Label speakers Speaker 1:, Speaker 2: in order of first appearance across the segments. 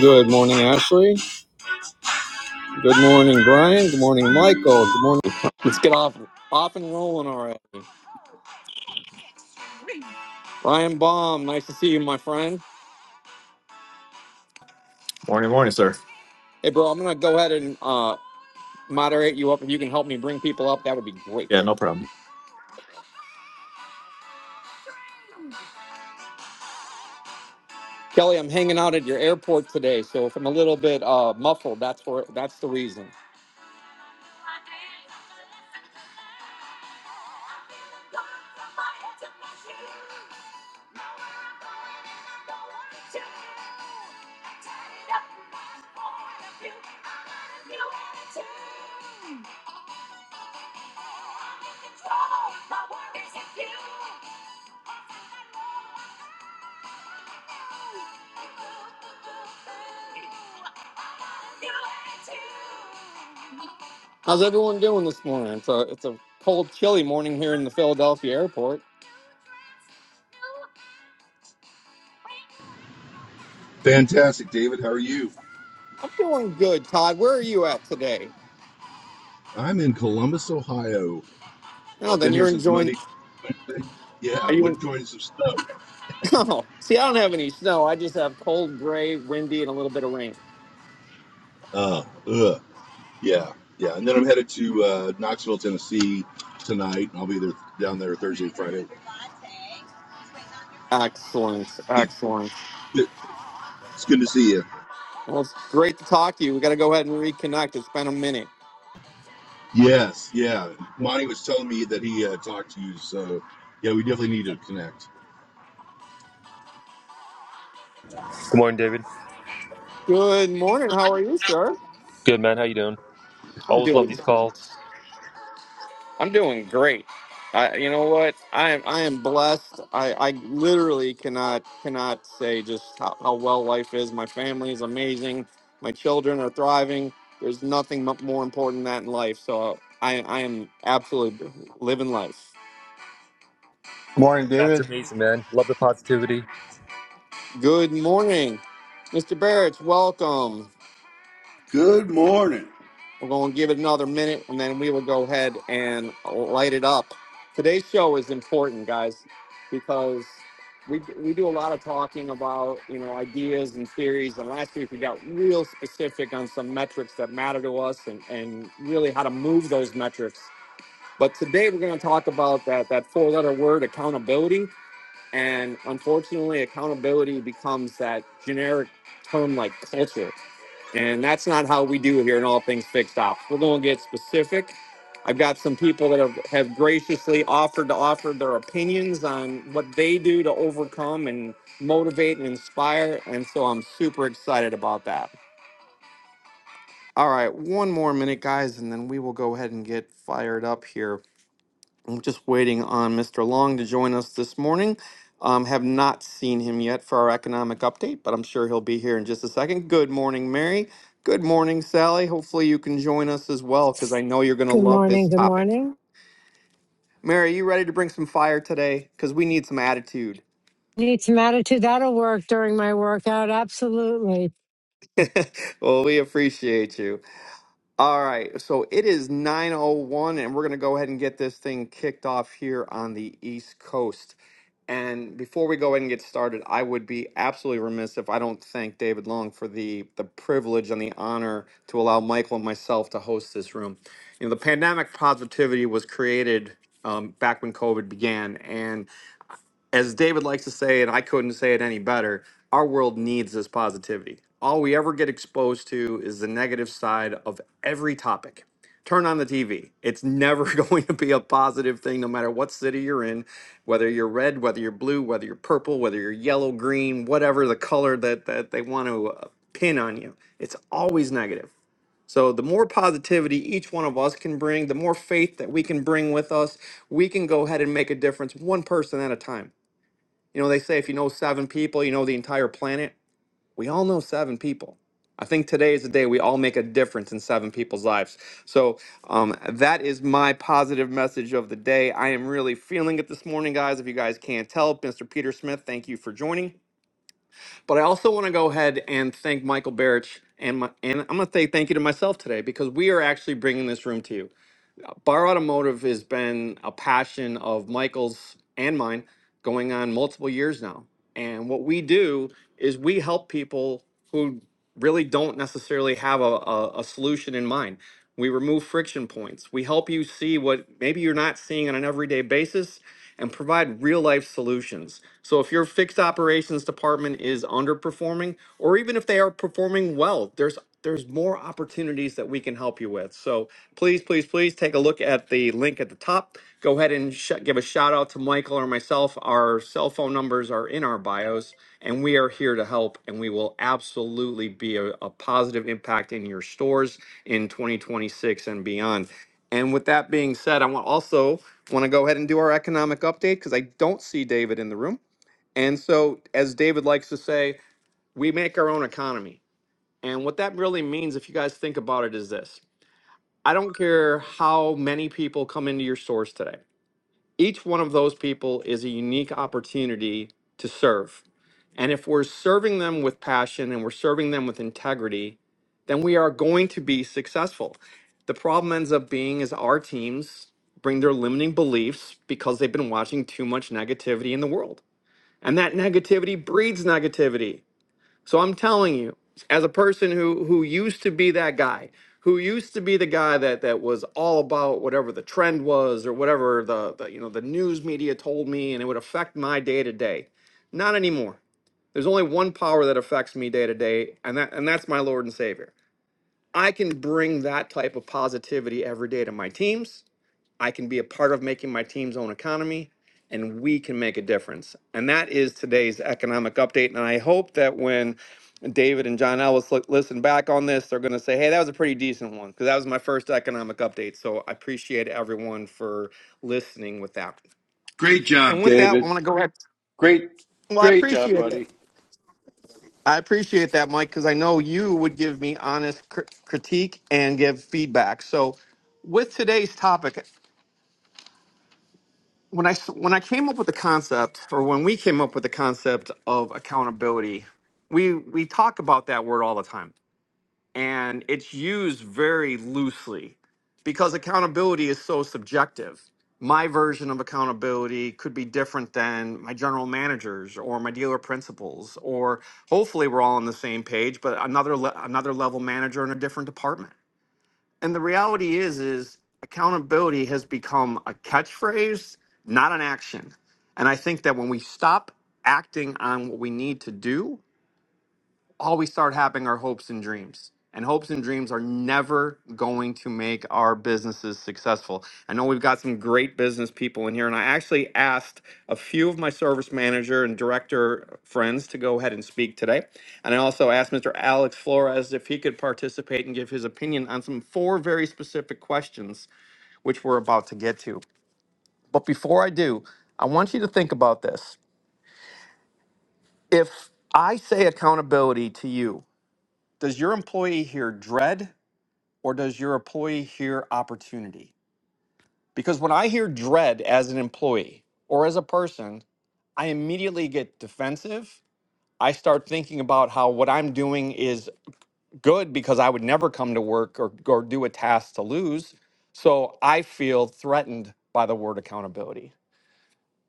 Speaker 1: Good morning, Ashley. Good morning, Brian. Good morning, Michael. Good morning. Let's get off off and rolling already. Brian Baum, nice to see you, my friend.
Speaker 2: Morning, morning, sir.
Speaker 1: Hey, bro, I'm gonna go ahead and uh, moderate you up. If you can help me bring people up, that would be great.
Speaker 2: Yeah, no problem.
Speaker 1: Kelly, I'm hanging out at your airport today, so if I'm a little bit uh, muffled, that's for that's the reason. How's everyone doing this morning? It's a it's a cold, chilly morning here in the Philadelphia airport.
Speaker 3: Fantastic, David. How are you?
Speaker 1: I'm doing good, Todd. Where are you at today?
Speaker 3: I'm in Columbus, Ohio.
Speaker 1: No,
Speaker 3: I've
Speaker 1: then
Speaker 3: been here
Speaker 1: you're
Speaker 3: since
Speaker 1: enjoying.
Speaker 3: Monday. Wednesday. Yeah, I
Speaker 1: Are
Speaker 3: went
Speaker 1: you?
Speaker 3: enjoying some snow.
Speaker 1: Oh, see, I don't have any snow. I just have cold, gray, windy, and a little bit of rain.
Speaker 3: Uh, ugh. Yeah, yeah. And then I'm headed to uh, Knoxville, Tennessee tonight. I'll be there down there Thursday, Friday.
Speaker 1: Excellent. Excellent.
Speaker 3: Good- It's good to see you.
Speaker 1: Well, it's great to talk to you. We got to go ahead and reconnect. It's been a minute.
Speaker 3: Yes, yeah. Monty was telling me that he uh, talked to you, so yeah, we definitely need to connect.
Speaker 4: Good morning, David.
Speaker 1: Good morning. How are you, sir?
Speaker 4: Good man. How you doing?
Speaker 1: I'm
Speaker 4: Always love
Speaker 1: doing.
Speaker 4: these calls.
Speaker 1: I'm doing great. I, you know what? I am. I am blessed. I, I literally cannot cannot say just how, how well life is. My family is amazing. My children are thriving. There's nothing mu- more important than that in life. So I I am absolutely living life.
Speaker 5: Morning,
Speaker 4: That's
Speaker 5: David.
Speaker 4: amazing, man. Love the positivity.
Speaker 1: Good morning, Mr. Barrett. Welcome.
Speaker 6: Good morning,
Speaker 1: We're going to give it another minute and then we will go ahead and light it up. Today's show is important, guys, because we, we do a lot of talking about you know ideas and theories. And last week we got real specific on some metrics that matter to us and, and really how to move those metrics. But today we're going to talk about that that four letter word accountability. And unfortunately, accountability becomes that generic term like culture And that's not how we do here in All Things Fixed Ops. We're going to get specific. I've got some people that have, have graciously offered to offer their opinions on what they do to overcome and motivate and inspire. And so I'm super excited about that. All right, one more minute, guys, and then we will go ahead and get fired up here. I'm just waiting on Mr. Long to join us this morning. Um, have not seen him yet for our economic update, but I'm sure he'll be here in just a second. Good morning, Mary. Good morning, Sally. Hopefully, you can join us as well because I know you're going to
Speaker 7: Good
Speaker 1: love this
Speaker 7: morning. Good
Speaker 1: topic.
Speaker 7: morning.
Speaker 1: Mary, you ready to bring some fire today? Because we need some attitude.
Speaker 7: Need some attitude. That'll work during my workout. Absolutely.
Speaker 1: well, we appreciate you. All right, so it is 9:01 and we're going to go ahead and get this thing kicked off here on the East Coast. And before we go ahead and get started, I would be absolutely remiss if I don't thank David Long for the the privilege and the honor to allow Michael and myself to host this room. You know, the pandemic positivity was created um, back when COVID began, and as David likes to say, and I couldn't say it any better, our world needs this positivity. All we ever get exposed to is the negative side of every topic. Turn on the TV. It's never going to be a positive thing, no matter what city you're in, whether you're red, whether you're blue, whether you're purple, whether you're yellow, green, whatever the color that, that they want to uh, pin on you. It's always negative. So, the more positivity each one of us can bring, the more faith that we can bring with us, we can go ahead and make a difference one person at a time. You know, they say if you know seven people, you know the entire planet. We all know seven people. I think today is the day we all make a difference in seven people's lives. So um, that is my positive message of the day. I am really feeling it this morning, guys. If you guys can't tell, Mr. Peter Smith, thank you for joining. But I also want to go ahead and thank Michael Barrich. And, my, and I'm going to say thank you to myself today because we are actually bringing this room to you. Bar Automotive has been a passion of Michael's and mine going on multiple years now. And what we do is we help people who really don't necessarily have a, a, a solution in mind. We remove friction points. We help you see what maybe you're not seeing on an everyday basis and provide real life solutions. So if your fixed operations department is underperforming, or even if they are performing well, there's there's more opportunities that we can help you with. So please, please, please take a look at the link at the top. Go ahead and sh- give a shout out to Michael or myself. Our cell phone numbers are in our bios, and we are here to help. And we will absolutely be a, a positive impact in your stores in 2026 and beyond. And with that being said, I want also want to go ahead and do our economic update because I don't see David in the room. And so, as David likes to say, we make our own economy. And what that really means, if you guys think about it, is this I don't care how many people come into your stores today, each one of those people is a unique opportunity to serve and if we're serving them with passion and we're serving them with integrity, then we are going to be successful. The problem ends up being is our teams bring their limiting beliefs because they've been watching too much negativity in the world. And that negativity breeds negativity. So I'm telling you, as a person who who used to be that guy, who used to be the guy that that was all about whatever the trend was or whatever the, the you know the news media told me, and it would affect my day to day. Not anymore. There's only one power that affects me day to day, and that and that's my Lord and Savior. I can bring that type of positivity every day to my teams. I can be a part of making my team's own economy, and we can make a difference. And that is today's economic update. And I hope that when David and John Ellis look, listen back on this, they're going to say, hey, that was a pretty decent one because that was my first economic update. So I appreciate everyone for listening with that.
Speaker 6: Great job,
Speaker 1: And with that, I
Speaker 6: David.
Speaker 1: want to go ahead.
Speaker 6: Great,
Speaker 1: Well, I
Speaker 6: great job,
Speaker 1: appreciate it.
Speaker 6: buddy.
Speaker 1: I appreciate that, Mike, because I know you would give me honest cr- critique and give feedback. So, with today's topic, when I s- when I came up with the concept, or when we came up with the concept of accountability, we we talk about that word all the time, and it's used very loosely because accountability is so subjective. My version of accountability could be different than my general managers or my dealer principals, or hopefully we're all on the same page, but another le- another level manager in a different department and the reality is, is accountability has become a catchphrase, not an action. And I think that when we stop acting on what we need to do, always start having our hopes and dreams. And hopes and dreams are never going to make our businesses successful. I know we've got some great business people in here, and I actually asked a few of my service manager and director friends to go ahead and speak today. And I also asked Mr. Alex Flores if he could participate and give his opinion on some four very specific questions, which we're about to get to. But before I do, I want you to think about this. If I say accountability to you, does your employee here dread? or does your employee hear opportunity? Because when I hear dread as an employee or as a person, I immediately get defensive. I start thinking about how what I'm doing is good because I would never come to work or, or do a task to lose. So I feel threatened by the word accountability.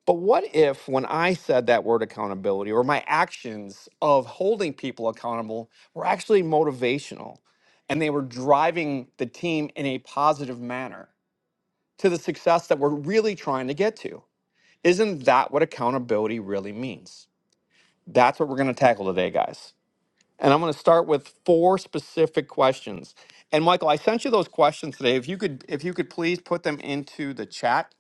Speaker 1: But what if, when I said that word accountability or my actions of holding people accountable were actually motivational and they were driving the team in a positive manner? to the success that we're really trying to get to. Isn't that what accountability really means? That's what we're going to tackle today, guys. And I'm going to start with four specific questions. And Michael, I sent you those questions today. If you could if you could please put them into the chat,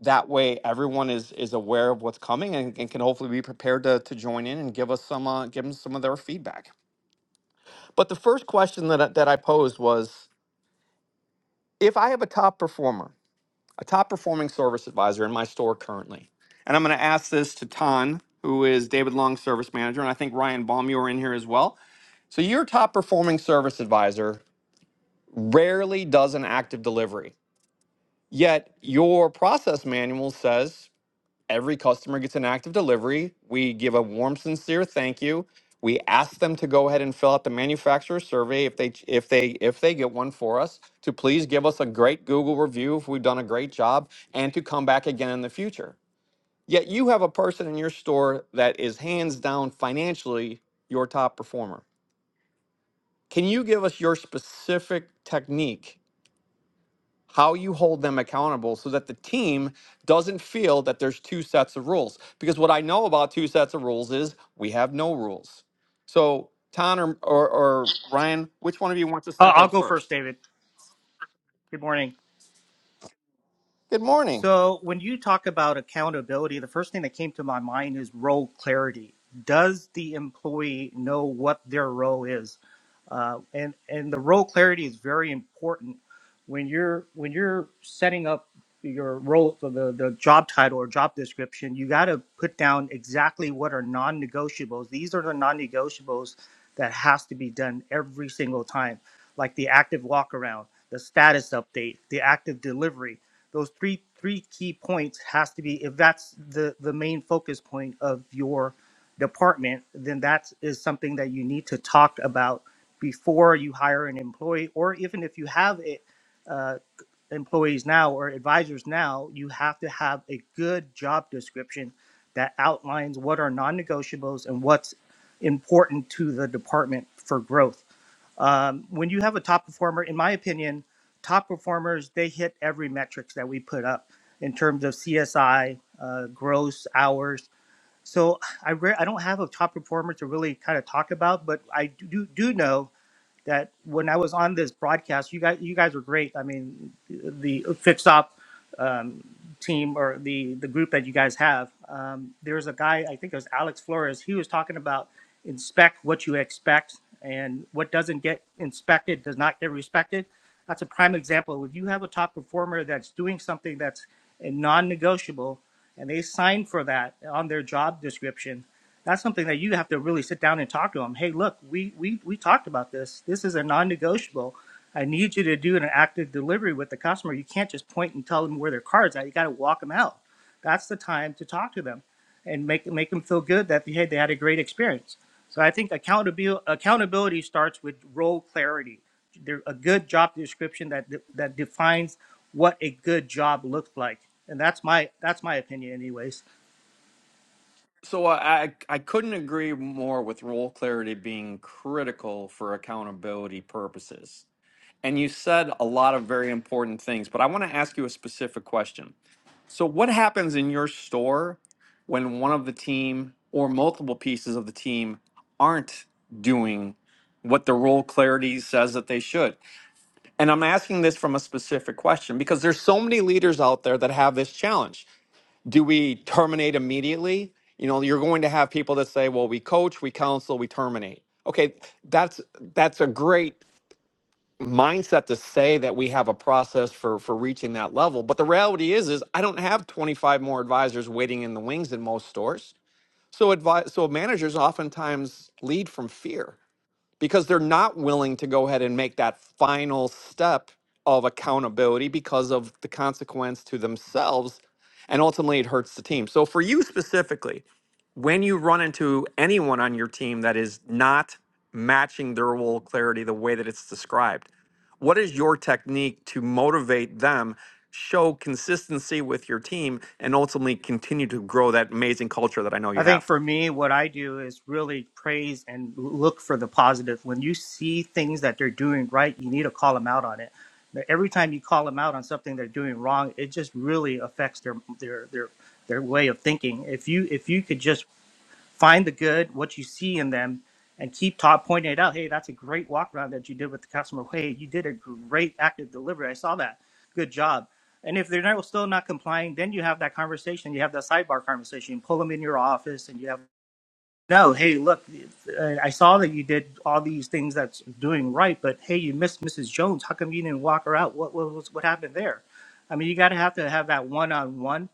Speaker 1: that way everyone is is aware of what's coming and, and can hopefully be prepared to, to join in and give us some uh, give them some of their feedback. But the first question that I, that I posed was if I have a top performer a top performing service advisor in my store currently. And I'm going to ask this to Tan, who is David Long's service manager, and I think Ryan Baum, you are in here as well. So your top performing service advisor rarely does an active delivery. Yet your process manual says Every customer gets an active delivery. We give a warm, sincere thank you. We ask them to go ahead and fill out the manufacturer survey if they if they if they get one for us to please give us a great Google review if we've done a great job and to come back again in the future. Yet you have a person in your store that is hands down financially your top performer. Can you give us your specific technique how you hold them accountable so that the team doesn't feel that there's two sets of rules. Because what I know about two sets of rules is we have no rules. So, Ton or, or, or Ryan, which one of you wants to
Speaker 8: Uh,
Speaker 1: step
Speaker 8: I'll
Speaker 1: up
Speaker 8: go first,
Speaker 1: first?
Speaker 8: David. Good morning.
Speaker 1: Good morning.
Speaker 8: So, when you talk about accountability, the first thing that came to my mind is role clarity. Does the employee know what their role is? Uh, and and the role clarity is very important when you're when you're setting up your role for the, the job title or job description you got to put down exactly what are non-negotiables these are the non-negotiables that has to be done every single time like the active walk around the status update the active delivery those three three key points has to be if that's the the main focus point of your department then that is something that you need to talk about before you hire an employee, or even if you have it, uh, employees now or advisors now, you have to have a good job description that outlines what are non-negotiables and what's important to the department for growth. Um, when you have a top performer, in my opinion, top performers they hit every metrics that we put up in terms of CSI, uh, gross hours. So I re- I don't have a top performer to really kind of talk about, but I do do know that when I was on this broadcast, you guys, you guys were great. I mean, the fix op um, team or the the group that you guys have. Um, there was a guy, I think it was Alex Flores. He was talking about inspect what you expect, and what doesn't get inspected does not get respected. That's a prime example. If you have a top performer that's doing something that's a non-negotiable, and they sign for that on their job description that's something that you have to really sit down and talk to them. Hey, look, we we we talked about this. This is a non-negotiable. I need you to do an active delivery with the customer. You can't just point and tell them where their cards at. You got to walk them out. That's the time to talk to them and make make them feel good that hey they had a great experience. So I think accountability accountability starts with role clarity. There a good job description that de- that defines what a good job looks like, and that's my that's my opinion, anyways.
Speaker 1: So, I, I I couldn't agree more with role clarity being critical for accountability purposes. And you said a lot of very important things, but I want to ask you a specific question. So, what happens in your store when one of the team or multiple pieces of the team aren't doing what the role clarity says that they should? And I'm asking this from a specific question because there's so many leaders out there that have this challenge. Do we terminate immediately? You know, you're going to have people that say, "Well, we coach, we counsel, we terminate." Okay, that's that's a great mindset to say that we have a process for for reaching that level but the reality is is i don't have 25 more advisors waiting in the wings in most stores so advi- so managers oftentimes lead from fear because they're not willing to go ahead and make that final step of accountability because of the consequence to themselves and ultimately it hurts the team. So for you specifically, when you run into anyone on your team that is not matching their role clarity the way that it's described, what is your technique to motivate them, show consistency with your team and ultimately continue to grow that amazing culture that I know
Speaker 8: I
Speaker 1: you
Speaker 8: think
Speaker 1: have?
Speaker 8: for me, what I do is really praise and look for the positive. When you see things that they're doing right, you need to call them out on it. But Every time you call them out on something they're doing wrong, it just really affects their their their their way of thinking. If you if you could just find the good, what you see in them, and keep top pointing it out. Hey, that's a great walk around that you did with the customer. Hey, you did a great active delivery. I saw that. Good job. And if they're not, still not complying, then you have that conversation. You have that sidebar conversation. You pull them in your office, and you have no. Hey, look, uh, I saw that you did all these things that's doing right, but hey, you missed Mrs. Jones. How come you didn't walk her out? What what was what happened there? I mean, you got to have to have that one on one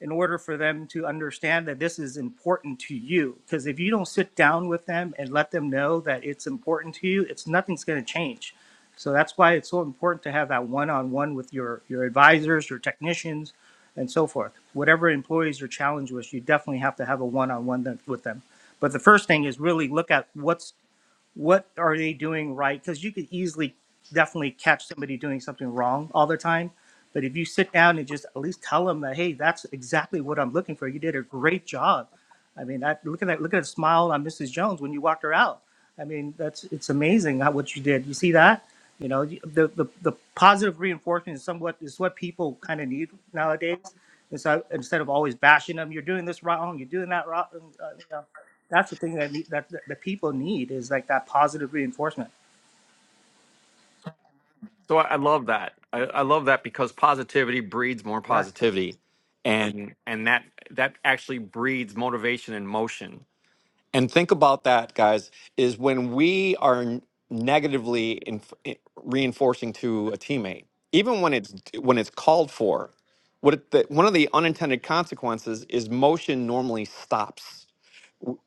Speaker 8: in order for them to understand that this is important to you. Because if you don't sit down with them and let them know that it's important to you, it's nothing's going to change. So that's why it's so important to have that one-on-one with your your advisors, your technicians, and so forth. Whatever employees are challenged with, you definitely have to have a one-on-one with them. But the first thing is really look at what's what are they doing right? Because you could easily, definitely catch somebody doing something wrong all the time. But if you sit down and just at least tell them that, hey, that's exactly what I'm looking for. You did a great job. I mean, that, look at that. Look at the smile on Mrs. Jones when you walked her out. I mean, that's it's amazing how, what you did. You see that? You know, the, the, the positive reinforcement is somewhat is what people kind of need nowadays. And so instead of always bashing them, you're doing this wrong, you're doing that wrong. Uh, you know that's the thing that need, that the the people need is like that positive reinforcement.
Speaker 1: So I, I love that. I, I love that because positivity breeds more
Speaker 8: Right.
Speaker 1: positivity, and and that that actually breeds motivation and motion. And think about that, guys. Is when we are n- negatively inf- eh, reinforcing to a teammate, even when it's when it's called for. What it, the, one of the unintended consequences is motion normally stops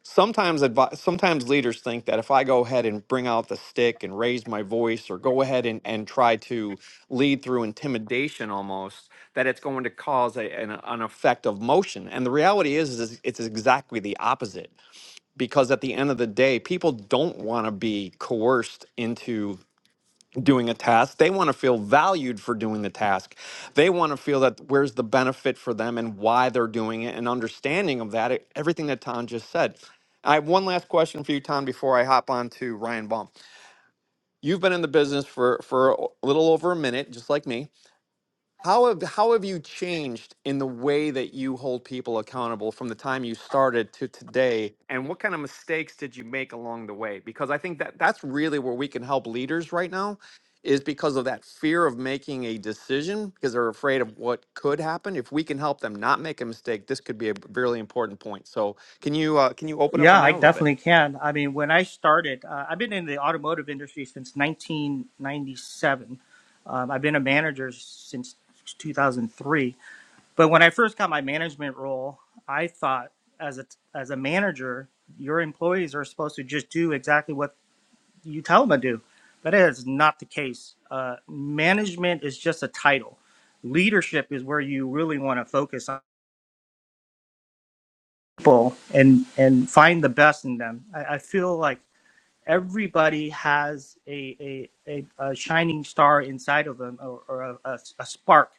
Speaker 1: sometimes advi- sometimes leaders think that if I go ahead and bring out the stick and raise my voice or go ahead and, and try to lead through intimidation almost that it's going to cause a, an, an effect of motion and the reality is, is it's exactly the opposite because at the end of the day people don't want to be coerced into doing a task. They want to feel valued for doing the task. They want to feel that where's the benefit for them and why they're doing it and understanding of that, e- everything that Tom just said. I have one last question for you, Tom, before I hop on to Ryan Baum. You've been in the business for, for a little over a minute, just like me how have how have you changed in the way that you hold people accountable from the time you started to today? And what kind of mistakes did you make along the way? Because I think that that's really where we can help leaders right now is because of that fear of making a decision because they're afraid of what could happen. If we can help them not make a mistake, this could be a really important point. So, can you uh, can you open up on
Speaker 8: Yeah, I
Speaker 1: that a little bit?
Speaker 8: definitely can. I mean, when I started, uh, I've been in the automotive industry since 1997. Um, I've been a manager since 2003. But when I first got my management role, I thought as a as a manager, your employees are supposed to just do exactly what you tell them to do. But it is not the case. Uh, management is just a title. Leadership is where you really want to focus on people and and find the best in them. I, I feel like everybody has a a, a, a shining star inside of them or, or a, a, a spark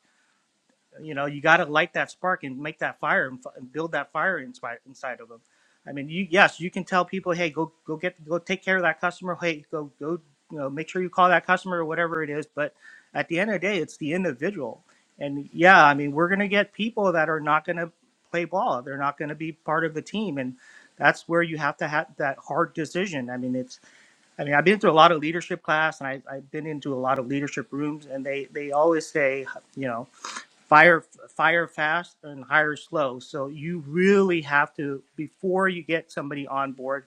Speaker 8: you know, you got to light that spark and make that fire and, f- and build that fire inside inside of them. I mean, you yes, you can tell people, hey, go go get go take care of that customer. Hey, go go you know make sure you call that customer or whatever it is. But at the end of the day, it's the individual. And yeah, I mean, we're gonna get people that are not gonna play ball. They're not gonna be part of the team, and that's where you have to have that hard decision. I mean, it's I mean, I've been to a lot of leadership class and I, I've been into a lot of leadership rooms and they, they always say, you know, fire fire fast and hire slow so you really have to before you get somebody on board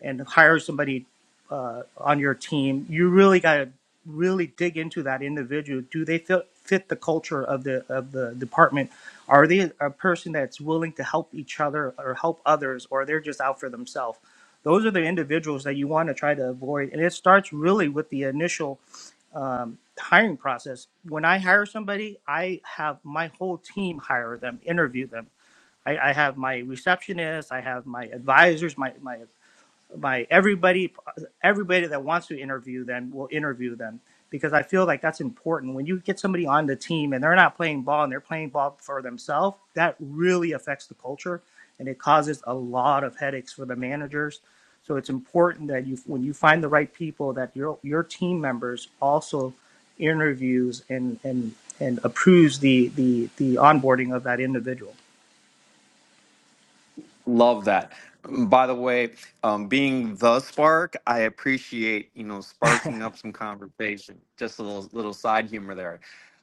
Speaker 8: and hire somebody uh, on your team, you really got to really dig into that individual. Do they fit, fit the culture of the of the department? Are they a person that's willing to help each other or help others, or they're just out for themselves? Those are the individuals that you want to try to avoid, and it starts really with the initial um, hiring process. When I hire somebody, I have my whole team hire them, interview them. I, I have my receptionist, I have my advisors, my my by everybody everybody that wants to interview them will interview them because I feel like that's important. When you get somebody on the team and they're not playing ball and they're playing ball for themselves, that really affects the culture and it causes a lot of headaches for the managers. So it's important that you when you find the right people that your your team members also interviews and and and approves the the the onboarding of that individual.
Speaker 1: Love that. Mm, By the way, um, being the spark, I appreciate you know sparking up some conversation. Just a little little side humor there,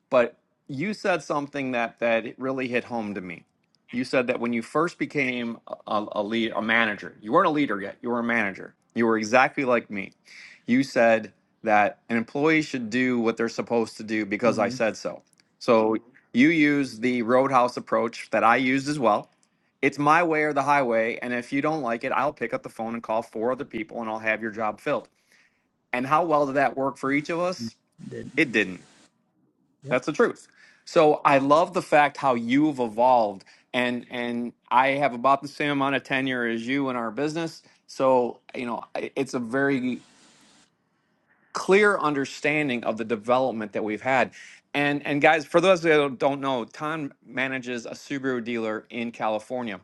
Speaker 1: but you said something that that it really hit home to me. You said that when you first became a, a lead, a manager, you weren't a leader yet. You were a manager. You were exactly like me. You said that an employee should do what they're supposed to do because I
Speaker 8: Mm-hmm.
Speaker 1: said so. So you use the roadhouse approach that I used as well it's my way or the highway. And if you don't like it, I'll pick up the phone and call four other people and I'll have your job filled. And how well did that work for each of us? It didn't. That's the truth. So I love the fact how you've evolved and and I have about the same amount of tenure as you in our business. So, you know, it's a very clear understanding of the development that we've had. And and guys, for those that don't know, Tom manages a Subaru dealer in California.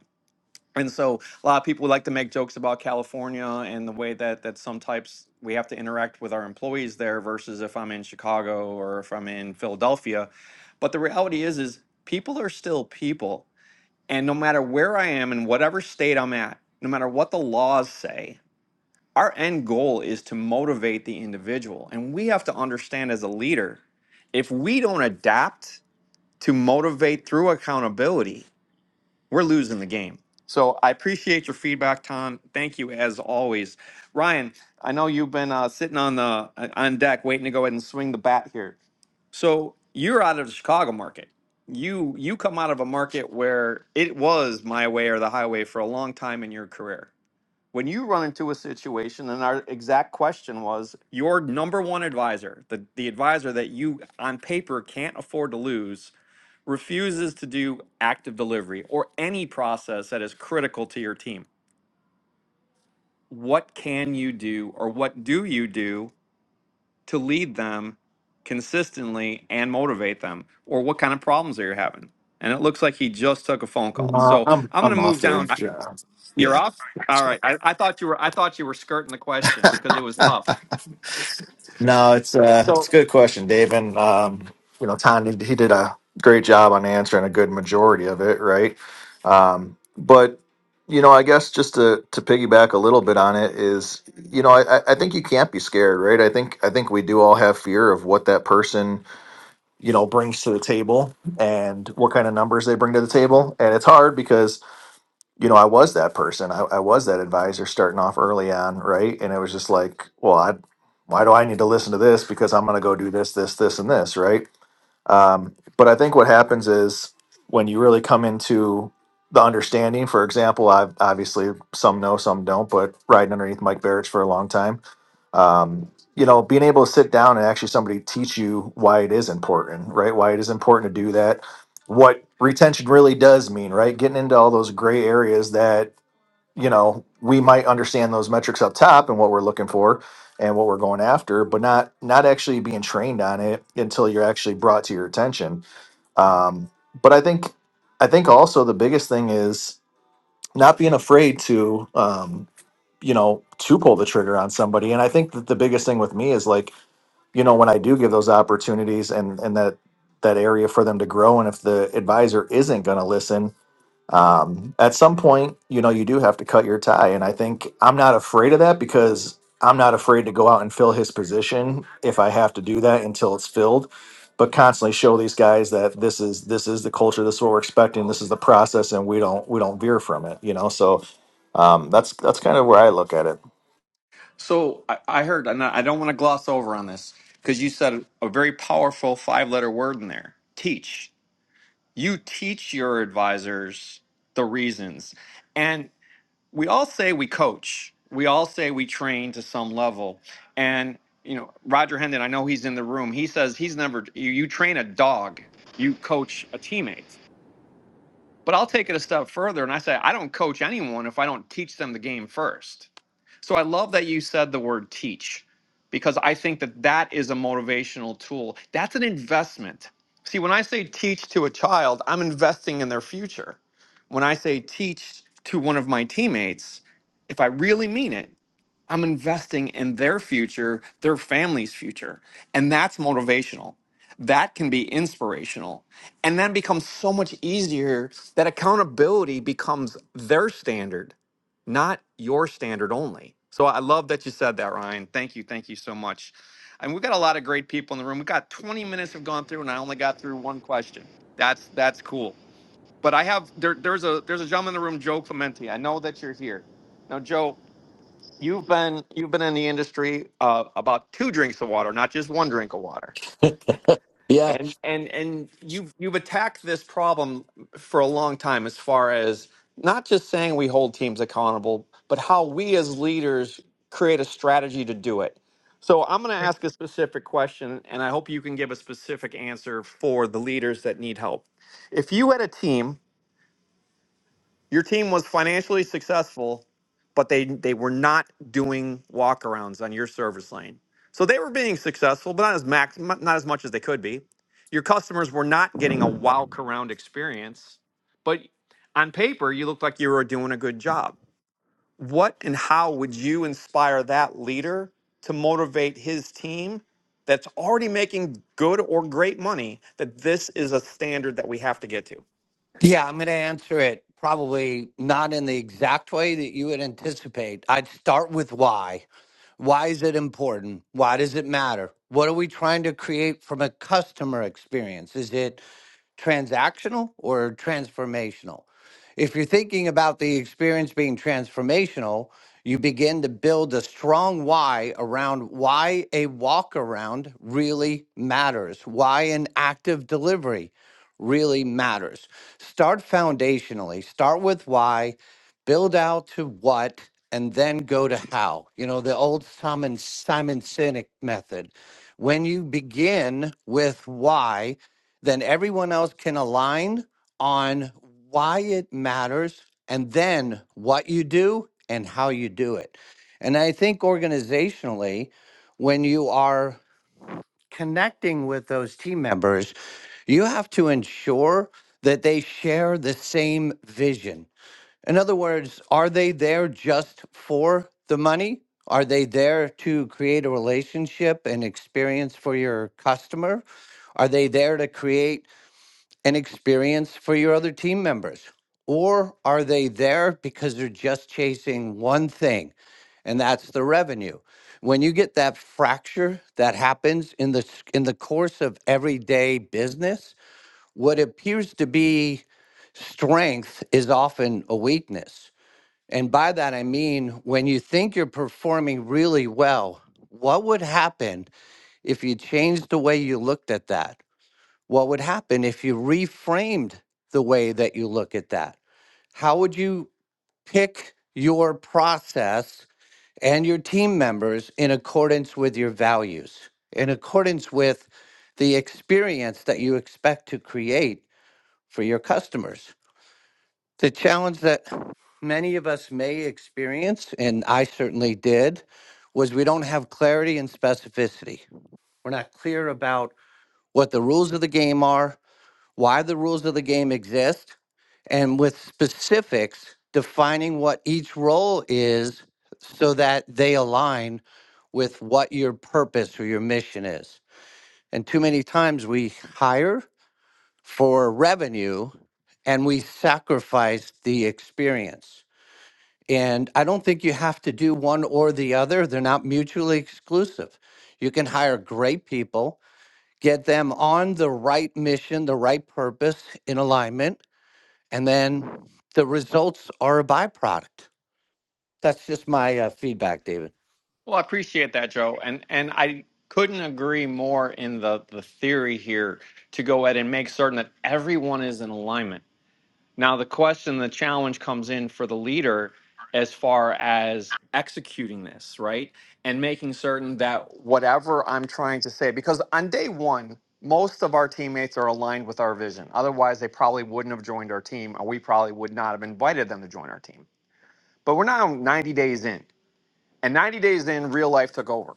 Speaker 1: And so a lot of people like to make jokes about California and the way that that some types we have to interact with our employees there versus if I'm in Chicago or if I'm in Philadelphia. But the reality is is people are still people. And no matter where I am in whatever state I'm at, no matter what the laws say, our end goal is to motivate the individual. And we have to understand as a leader, if we don't adapt to motivate through accountability, we're losing the game. So I appreciate your feedback, Tom. Thank you as always, Ryan. I know you've been uh, sitting on the uh, on deck waiting to go ahead and swing the bat here. So you're out of the Chicago market. You you come out of a market where it was my way or the highway for a long time in your career. When you run into a situation, and our exact question was your number one advisor, the, the advisor that you on paper can't afford to lose, refuses to do active delivery or any process that is critical to your team, what can you do or what do you do to lead them consistently and motivate them? Or what kind of problems are you having? And it looks like he just took a phone call.
Speaker 2: Uh,
Speaker 1: So
Speaker 2: I'm
Speaker 1: I'm going
Speaker 2: I'm
Speaker 1: to
Speaker 2: off
Speaker 1: move
Speaker 2: there.
Speaker 1: down. I-
Speaker 2: Uh,
Speaker 1: You're
Speaker 2: Yeah.
Speaker 1: off. All right. I, I thought you were. I thought you were skirting the question because it was tough.
Speaker 2: no, it's uh it's
Speaker 1: So,
Speaker 2: a good question, Dave, and um you know Tom he, he did a great job on answering a good majority of it, right? Um, but you know, I guess just to to piggyback a little bit on it is, you know, I I I think you can't be scared, right? I think I think we do all have fear of what that person you know brings to the table and what kind of numbers they bring to the table, and it's hard because you know, I was that person. I, I was that advisor starting off early on, right? And it was just like, well, I, why do I need to listen to this? Because I'm going to go do this, this, this, and this, right? Um, but I think what happens is when you really come into the understanding, for example, I've obviously some know, some don't, but riding underneath Mike Barrich for a long time, um, you know, being able to sit down and actually somebody teach you why it is important, right? Why it is important to do that, what retention really does mean, right? Getting into all those gray areas that you know we might understand those metrics up top and what we're looking for and what we're going after but not not actually being trained on it until you're actually brought to your attention um, but i think i think also the biggest thing is not being afraid to um, you know to pull the trigger on somebody and i think that the biggest thing with me is like you know when i do give those opportunities and and that that area for them to grow and if the advisor isn't going to listen um, at some point, you know, you do have to cut your tie. And I think I'm not afraid of that because I'm not afraid to go out and fill his position if I have to do that until it's filled. But constantly show these guys that this is this is the culture, this is what we're expecting, this is the process, and we don't we don't veer from it, you know. So um, that's that's kind of where I look at it.
Speaker 1: so I, I heard, and I I don't want to gloss over on this because you said a very powerful five-letter word in there. Teach you teach your advisors the reasons. And we all say we coach. We all say we train to some level. And you know, Roger Hendon, I know he's in the room. He says he's never you, you train a dog, you coach a teammate. But I'll take it a step further and I say I don't coach anyone if I don't teach them the game first so I love that you said the word teach because I think that that is a motivational tool. That's an investment. See, when I say teach to a child, I'm investing in their future. When I say teach to one of my teammates, if I really mean it, I'm investing in their future, their family's future. And that's motivational. That can be inspirational. And then becomes so much easier that accountability becomes their standard, not your standard only. So I love that you said that, Ryan. Thank you. Thank you so much. And we've got a lot of great people in the room. We've got 20 minutes have gone through, and I only got through one question. That's that's cool. But I have there, there's a there's a gentleman in the room, Joe Clementi. I know that you're here. Now, Joe, You've been you've been in the industry uh, about two drinks of water, not just one drink of water,
Speaker 9: Yeah,
Speaker 1: and and and you've you've attacked this problem for a long time as far as not just saying we hold teams accountable, but how we as leaders create a strategy to do it. So I'm going to ask a specific question, and I hope you can give a specific answer for the leaders that need help. If you had a team your team was financially successful, but they they were not doing walkarounds on your service lane. So they were being successful, but not as max not as much as they could be. Your customers were not getting a walkaround experience, but on paper you looked like you were doing a good job. What and how would you inspire that leader to motivate his team that's already making good or great money that this is a standard that we have to get to?
Speaker 9: yeah, I'm going to answer it probably not in the exact way that you would anticipate. I'd start with why. Why is it important? Why does it matter? What are we trying to create from a customer experience? Is it transactional or transformational. If you're thinking about the experience being transformational, you begin to build a strong why around why a walk around really matters, why an active delivery really matters. Start foundationally, start with why, build out to what, and then go to how. You know, the old Simon, Simon Sinek method. When you begin with why, then everyone else can align on why it matters and then what you do and how you do it. And I think organizationally, when you are connecting with those team members, you have to ensure that they share the same vision. In other words, are they there just for the money? Are they there to create a relationship and experience for your customer? Are they there to create and experience for your other team members? Or are they there because they're just chasing one thing, and that's the revenue? When you get that fracture that happens in the s- in the course of everyday business, what appears to be strength is often a weakness. And by that I mean when you think you're performing really well, what would happen if you changed the way you looked at that? what would happen if you reframed the way that you look at that? How would you pick your process and your team members in accordance with your values, in accordance with the experience that you expect to create for your customers? The challenge that many of us may experience, and I certainly did, was we don't have clarity and specificity. We're not clear about what the rules of the game are, why the rules of the game exist, and with specifics defining what each role is so that they align with what your purpose or your mission is. And too many times we hire for revenue and we sacrifice the experience. And I don't think you have to do one or the other, they're not mutually exclusive. You can hire great people, get them on the right mission, the right purpose in alignment and then the results are a byproduct. That's just my uh, feedback, David.
Speaker 1: Well, I appreciate that, Joe, and and I couldn't agree more in the the theory here to go ahead and make certain that everyone is in alignment. Now, the question, the challenge comes in for the leader as far as executing this, right? And making certain that whatever I'm trying to say, because on day one, most of our teammates are aligned with our vision. Otherwise, they probably wouldn't have joined our team, or we probably would not have invited them to join our team. But we're now 90 days in, and 90 days in, real life took over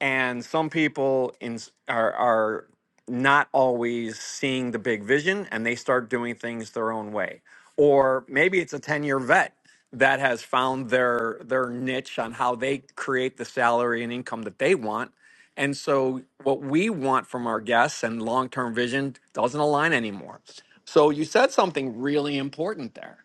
Speaker 1: and some people in, are are not always seeing the big vision and they start doing things their own way or maybe it's a 10-year vet that has found their their niche on how they create the salary and income that they want and so what we want from our guests and long-term vision doesn't align anymore so you said something really important there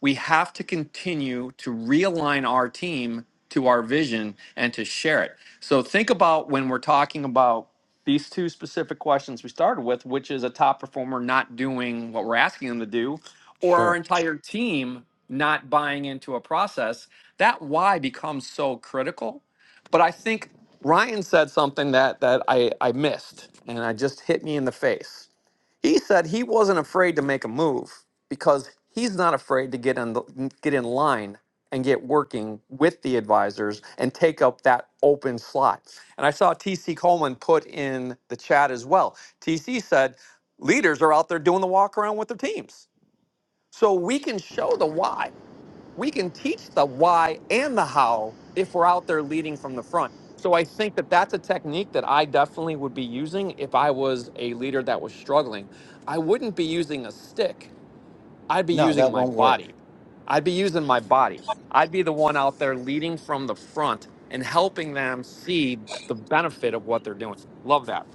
Speaker 1: we have to continue to realign our team to our vision and to share it. So think about when we're talking about these two specific questions we started with, which is a top performer not doing what we're asking them to do, or our
Speaker 9: Sure.
Speaker 1: entire team not buying into a process, that why becomes so critical. But I think Ryan said something that that I, I missed and it just hit me in the face he said he wasn't afraid to make a move because he's not afraid to get in the, get in line and get working with the advisors and take up that open slot. And I saw TC Coleman put in the chat as well. TC said leaders are out there doing the walk around with their teams. So we can show the why we can teach the why and the how if we're out there leading from the front. So I think that that's a technique that I definitely would be using if I was a leader that was struggling. I wouldn't be using a stick. I'd be
Speaker 9: No,
Speaker 1: using
Speaker 9: that
Speaker 1: my
Speaker 9: won't work.
Speaker 1: body. I'd be using my body. I'd be the one out there leading from the front and helping them see the benefit of what they're doing. Love that.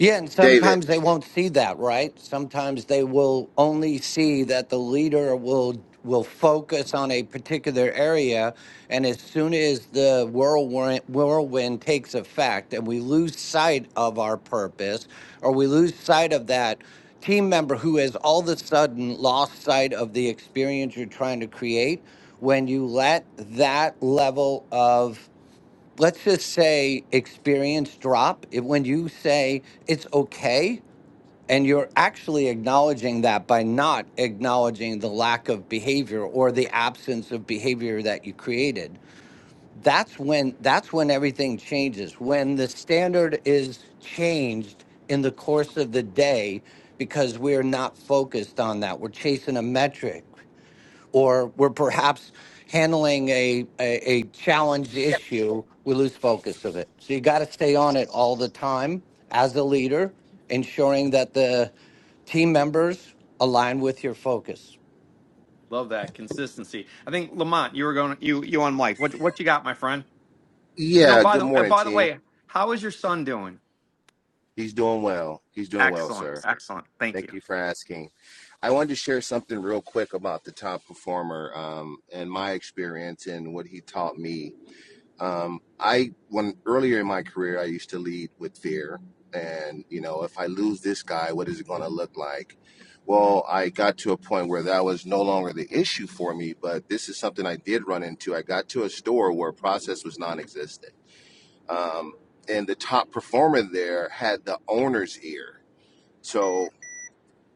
Speaker 9: Yeah, and
Speaker 10: David.
Speaker 9: sometimes they won't see that, right? Sometimes they will only see that the leader will will focus on a particular area, and as soon as the whirlwind, whirlwind takes effect, and we lose sight of our purpose, or we lose sight of that team member who has all of a sudden lost sight of the experience you're trying to create, when you let that level of let's just say experience drop it, when you say it's okay and you're actually acknowledging that by not acknowledging the lack of behavior or the absence of behavior that you created that's when that's when everything changes when the standard is changed in the course of the day because we're not focused on that we're chasing a metric or we're perhaps handling a, a, a challenge issue, we lose focus of it. So you got to stay on it all the time as a leader, ensuring that the team members align with your focus.
Speaker 1: Love that consistency. I think Lamont, you were going you you on mic. What what you got, my friend? And oh
Speaker 10: Yeah,
Speaker 1: by
Speaker 10: good
Speaker 1: the uh,
Speaker 10: morning,
Speaker 1: by the
Speaker 10: team.
Speaker 1: way, how is your son doing?
Speaker 10: He's doing well. He's doing well,
Speaker 1: Excellent,
Speaker 10: sir.
Speaker 1: excellent. Thank
Speaker 10: Thank
Speaker 1: you.
Speaker 10: you for asking. I wanted to share something real quick about the top performer um, and my experience and what he taught me. Um, I when earlier in my career, I used to lead with fear, and you know, if I lose this guy, what is it going to look like? Well, I got to a point where that was no longer the issue for me, but this is something I did run into. I got to a store where process was non-existent um, and the top performer there had the owner's ear. So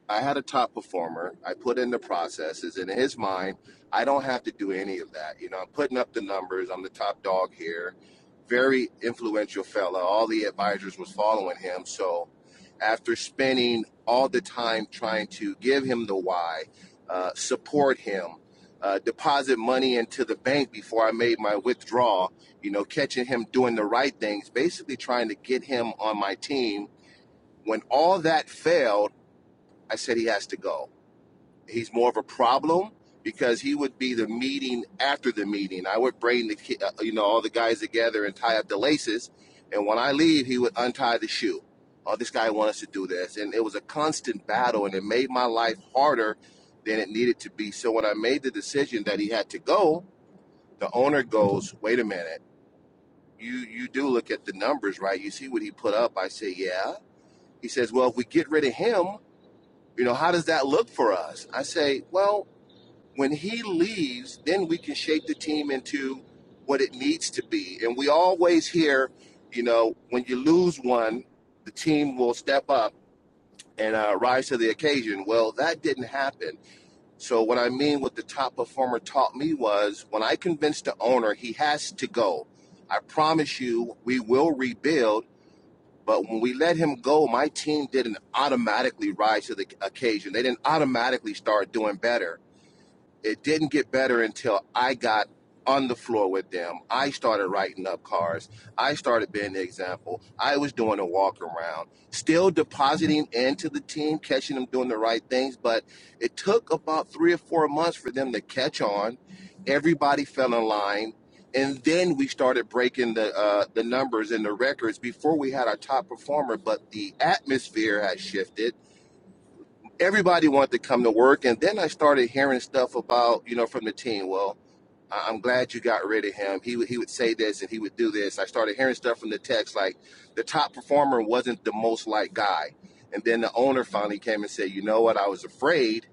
Speaker 10: I had a top performer. I put in the processes, and in his mind, I don't have to do any of that. You know, I'm putting up the numbers. I'm the top dog here. Very influential fella. All the advisors was following him. So, after spending all the time trying to give him the why, uh, support him, uh, deposit money into the bank before I made my withdrawal, you know, catching him doing the right things, basically trying to get him on my team. When all that failed, I said he has to go he's more of a problem because he would be the meeting after the meeting. I would bring the ki- uh, you know all the guys together and tie up the laces, and when I leave, he would untie the shoe. Oh, this guy wants us to do this, and it was a constant battle, and it made my life harder than it needed to be. So when I made the decision that he had to go, the owner goes, "Wait a minute, you you do look at the numbers, right? You see what he put up." I say, "Yeah." He says, "Well, if we get rid of him, you know, how does that look for us?" I say, "Well." When he leaves, then we can shape the team into what it needs to be. And we always hear, you know, when you lose one, the team will step up and uh, rise to the occasion. Well, that didn't happen. So, what I mean, what the top performer taught me was when I convinced the owner he has to go, I promise you, we will rebuild. But when we let him go, my team didn't automatically rise to the occasion. They didn't automatically start doing better it didn't get better until I got on the floor with them. I started writing up cars. I started being the example. I was doing a walk around, still depositing into the team, catching them doing the right things. But it took about three or four months for them to catch on. Everybody fell in line. And then we started breaking the uh, the numbers and the records before we had our top performer. But the atmosphere had shifted everybody wanted to come to work. And then I started hearing stuff about, you know, from the team. Well, I- I'm glad you got rid of him. He would he would say this and he would do this. I started hearing stuff from the text like the top performer wasn't the most liked guy. And then the owner finally came and said, you know what? I was afraid.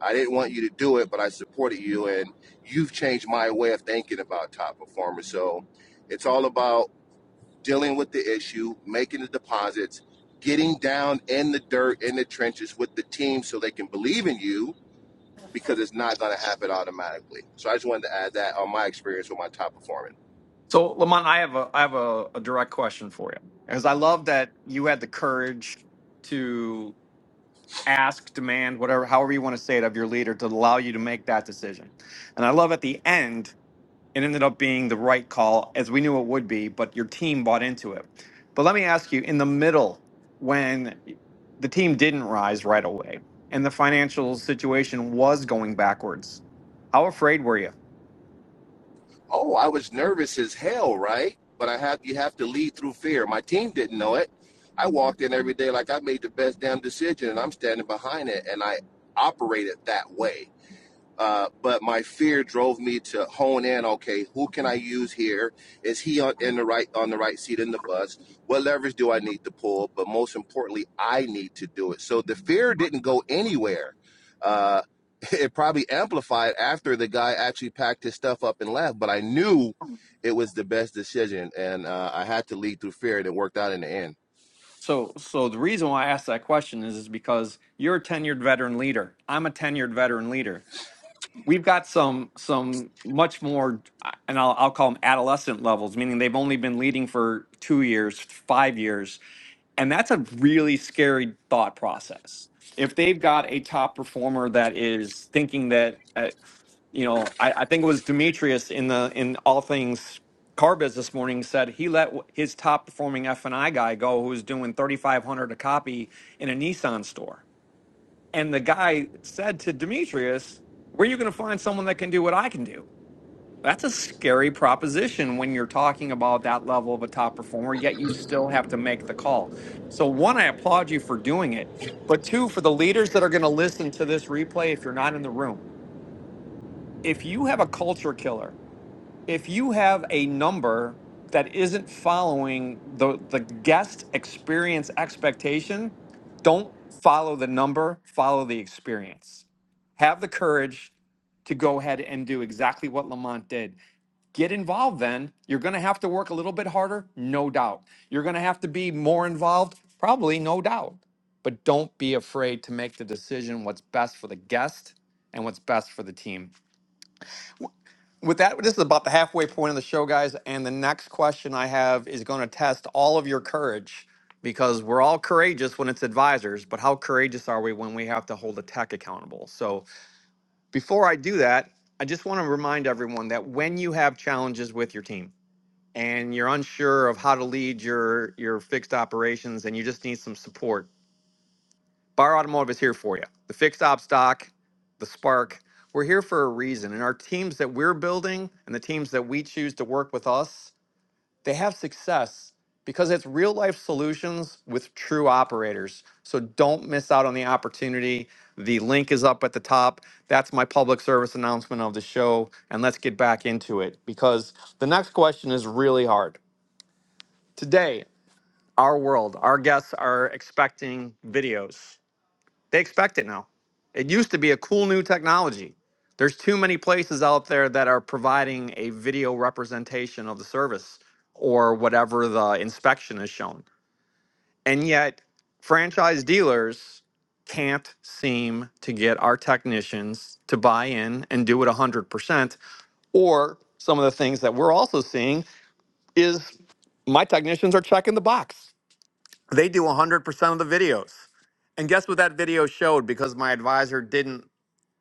Speaker 10: I didn't want you to do it, but I supported you, and you've changed my way of thinking about top performers. So it's all about dealing with the issue, making the deposits, getting down in the dirt, in the trenches with the team so they can believe in you because it's not going to happen automatically. So I just wanted to add that on my experience with my top performing.
Speaker 1: So, Lamont, I have a I have a, a direct question for you because I love that you had the courage to ask, demand, whatever, however you want to say it, of your leader to allow you to make that decision. And I love at the end, it ended up being the right call as we knew it would be, but your team bought into it. But let me ask you, in the middle, when the team didn't rise right away and the financial situation was going backwards, how afraid were you?
Speaker 10: Oh, I was nervous as hell, right? But I have you have to lead through fear. My team didn't know it. I walked in every day like I made the best damn decision and I'm standing behind it and I operated that way Uh, but my fear drove me to hone in. Okay, who can I use here? Is he on, in the right on the right seat in the bus? What levers do I need to pull? But most importantly, I need to do it. So the fear didn't go anywhere. Uh, it probably amplified after the guy actually packed his stuff up and left. But I knew it was the best decision, and uh, I had to lead through fear, and it worked out in the end.
Speaker 1: So, so the reason why I asked that question is, is because you're a tenured veteran leader. I'm a tenured veteran leader we've got some some much more uh, and I'll, I'll call them adolescent levels meaning they've only been leading for two years five years and that's a really scary thought process if they've got a top performer that is thinking that uh, you know I, I think it was demetrius in the in all things car biz this morning said he let w- his top performing f&i guy go who was doing 3500 a copy in a nissan store and the guy said to Demetrius, Where are you going to find someone that can do what I can do? That's a scary proposition when you're talking about that level of a top performer, yet you still have to make the call. So, one, I applaud you for doing it. But two, for the leaders that are going to listen to this replay, if you're not in the room, if you have a culture killer, if you have a number that isn't following the, the guest experience expectation, don't follow the number, follow the experience have the courage to go ahead and do exactly what Lamont did. Get involved then. You're going to have to work a little bit harder, no doubt. You're going to have to be more involved, probably, no doubt. But don't be afraid to make the decision what's best for the guest and what's best for the team. W- With that, this is about the halfway point of the show, guys. And the next question I have is going to test all of your courage because we're all courageous when it's advisors, but how courageous are we when we have to hold a tech accountable? So, before I do that, I just want to remind everyone that when you have challenges with your team and you're unsure of how to lead your your fixed operations and you just need some support, Bar Automotive is here for you. The fixed op stock, the spark, we're here for a reason. And our teams that we're building and the teams that we choose to work with us they have success because it's real life solutions with true operators. So don't miss out on the opportunity. The link is up at the top. That's my public service announcement of the show. And let's get back into it because the next question is really hard. Today, our world, our guests are expecting videos. They expect it now. It used to be a cool new technology. There's too many places out there that are providing a video representation of the service or whatever the inspection is shown. And yet, franchise dealers can't seem to get our technicians to buy in and do it 100%. Or some of the things that we're also seeing is my technicians are checking the box. They do 100% of the videos. And guess what that video showed because my advisor didn't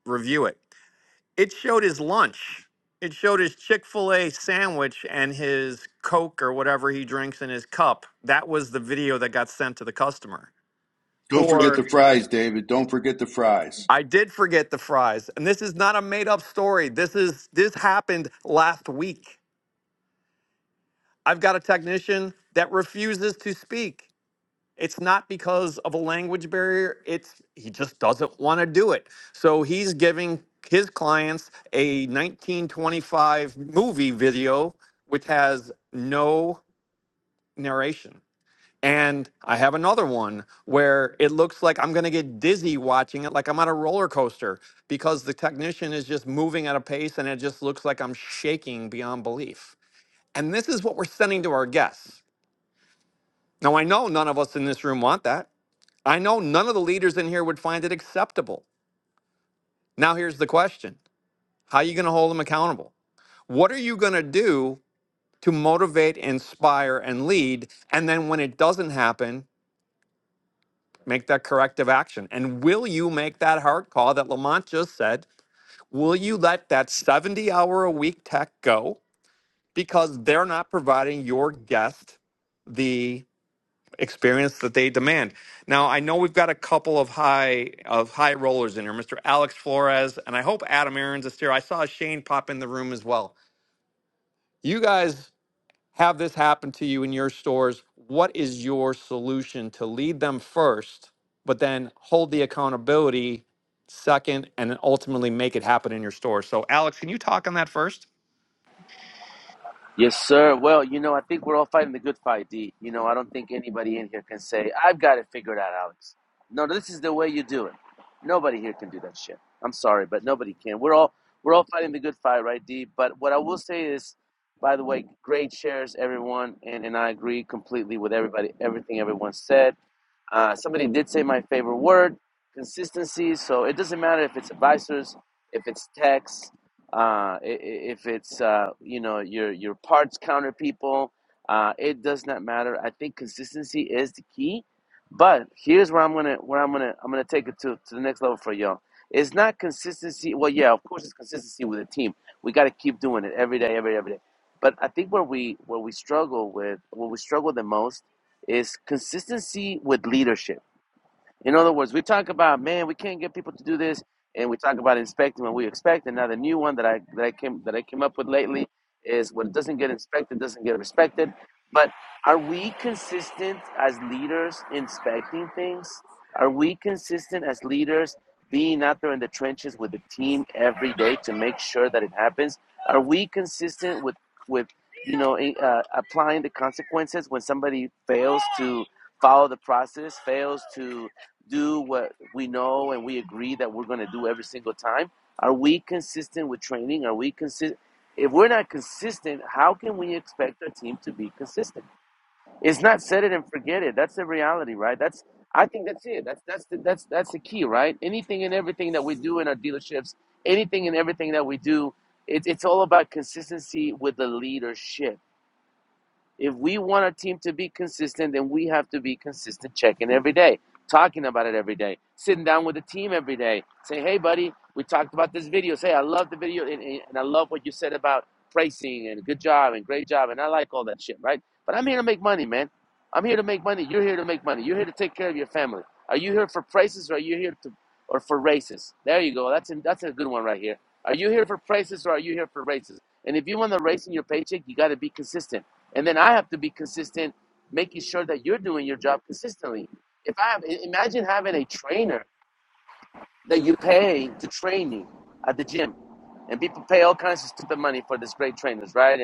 Speaker 1: review it. It showed his lunch. It showed his Chick fil A sandwich and his Coke or whatever he drinks in his cup. That was the video that got sent to the customer.
Speaker 6: Don't forget
Speaker 1: Or
Speaker 6: the fries, David. Don't forget the fries.
Speaker 1: I did forget the fries. And this is not a made up story. This is this happened last week. I've got a technician that refuses to speak. It's not because of a language barrier. It's he just doesn't want to do it. So he's giving his clients a 1925 movie video which has no narration. And I have another one where it looks like I'm going to get dizzy watching it, like I'm on a roller coaster because the technician is just moving at a pace and it just looks like I'm shaking beyond belief. And this is what we're sending to our guests. Now, I know none of us in this room want that. I know none of the leaders in here would find it acceptable. Now, here's the question How are you going to hold them accountable? What are you going to do to motivate, inspire, and lead? And then when it doesn't happen, make that corrective action. And will you make that hard call that Lamont just said? Will you let that 70 hour a week tech go because they're not providing your guest? the? experience that they demand. Now, I know we've got a couple of high of high rollers in here, Mr. Alex Flores, and I hope Adam Aaron's is here. I saw Shane pop in the room as well. You guys have this happen to you in your stores. What is your solution to lead them first, but then hold the accountability second, and then ultimately make it happen in your store? So, Alex, can you talk on that first?
Speaker 11: Yes, sir. Well, you know, I think we're all fighting the good fight, D. You know, I don't think anybody in here can say, I've got it figured out, Alex. No, this is the way you do it. Nobody here can do that shit. I'm sorry, but nobody can. We're all we're all fighting the good fight, right, D? But what I will say is, by the way, great shares, everyone, and, and I agree completely with everybody, everything everyone said. Uh, somebody did say my favorite word, consistency. So it doesn't matter if it's advisors, if it's techs, uh, i- i- if it's uh, you know your your parts counter people. Uh, it does not matter. I think consistency is the key. But here's where I'm gonna where I'm gonna I'm gonna take it to to the next level for y'all. It's not consistency. Well, yeah, of course it's consistency with a team. We got to keep doing it every day, every every day. But I think where we where we struggle with where we struggle the most is consistency with leadership. In other words, we talk about man, we can't get people to do this, and we talk about inspecting what we expect. And now the new one that I that I came that I came up with lately is what doesn't get inspected doesn't get respected. But are we consistent as leaders inspecting things? Are we consistent as leaders being out there in the trenches with the team every day to make sure that it happens? Are we consistent with with you know uh, applying the consequences when somebody fails to follow the process, fails to do what we know and we agree that we're going to do every single time? Are we consistent with training? Are we consistent? If we're not consistent, how can we expect our team to be consistent? It's not set it and forget it. That's the reality, right? That's I think that's it. That's that's the, that's that's the key, right? Anything and everything that we do in our dealerships, anything and everything that we do, it, it's all about consistency with the leadership if we want our team to be consistent, then we have to be consistent checking every day, talking about it every day, sitting down with the team every day. Say, hey, buddy, we talked about this video. Say, I love the video and, and I love what you said about pricing and good job and great job. And I like all that shit, right? But I'm here to make money, man. I'm here to make money. You're here to make money. You're here to take care of your family. Are you here for prices or are you here to, or for races? There you go. That's a, that's a good one right here. Are you here for prices or are you here for races? And if you want the race in your paycheck, you got to be consistent. And then I have to be consistent, making sure that you're doing your job consistently. If I have, imagine having a trainer that you pay to train you at the gym, and people pay all kinds of stupid money for these great trainers, right?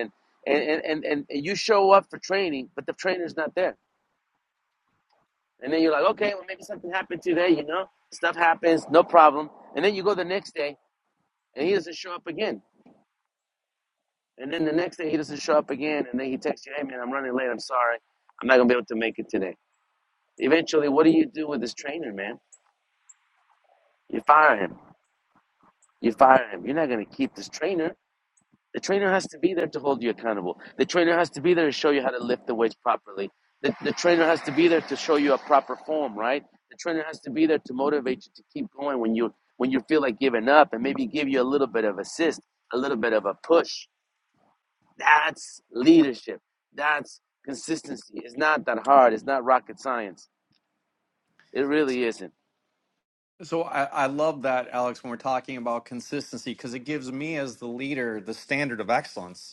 Speaker 11: and, and, and, and and you show up for training, but the trainer's not there. And then you're like, okay, well, maybe something happened today, you know? Stuff happens, no problem. And then you go the next day, and he doesn't show up again. And then the next day, he doesn't show up again. And then he texts you, hey, man, I'm running late. I'm sorry. I'm not going to be able to make it today Eventually, what do you do with this trainer, man? You fire him. You fire him. You're not going to keep this trainer. The trainer has to be there to hold you accountable. The trainer has to be there to show you how to lift the weights properly. The, the trainer has to be there to show you a proper form, right? The trainer has to be there to motivate you to keep going when you when you feel like giving up and maybe give you a little bit of assist, a little bit of a push. That's leadership. That's consistency. It's not that hard. It's not rocket science. It really isn't.
Speaker 1: So I, I love that, Alex, when we're talking about consistency, because it gives me as the leader the standard of excellence.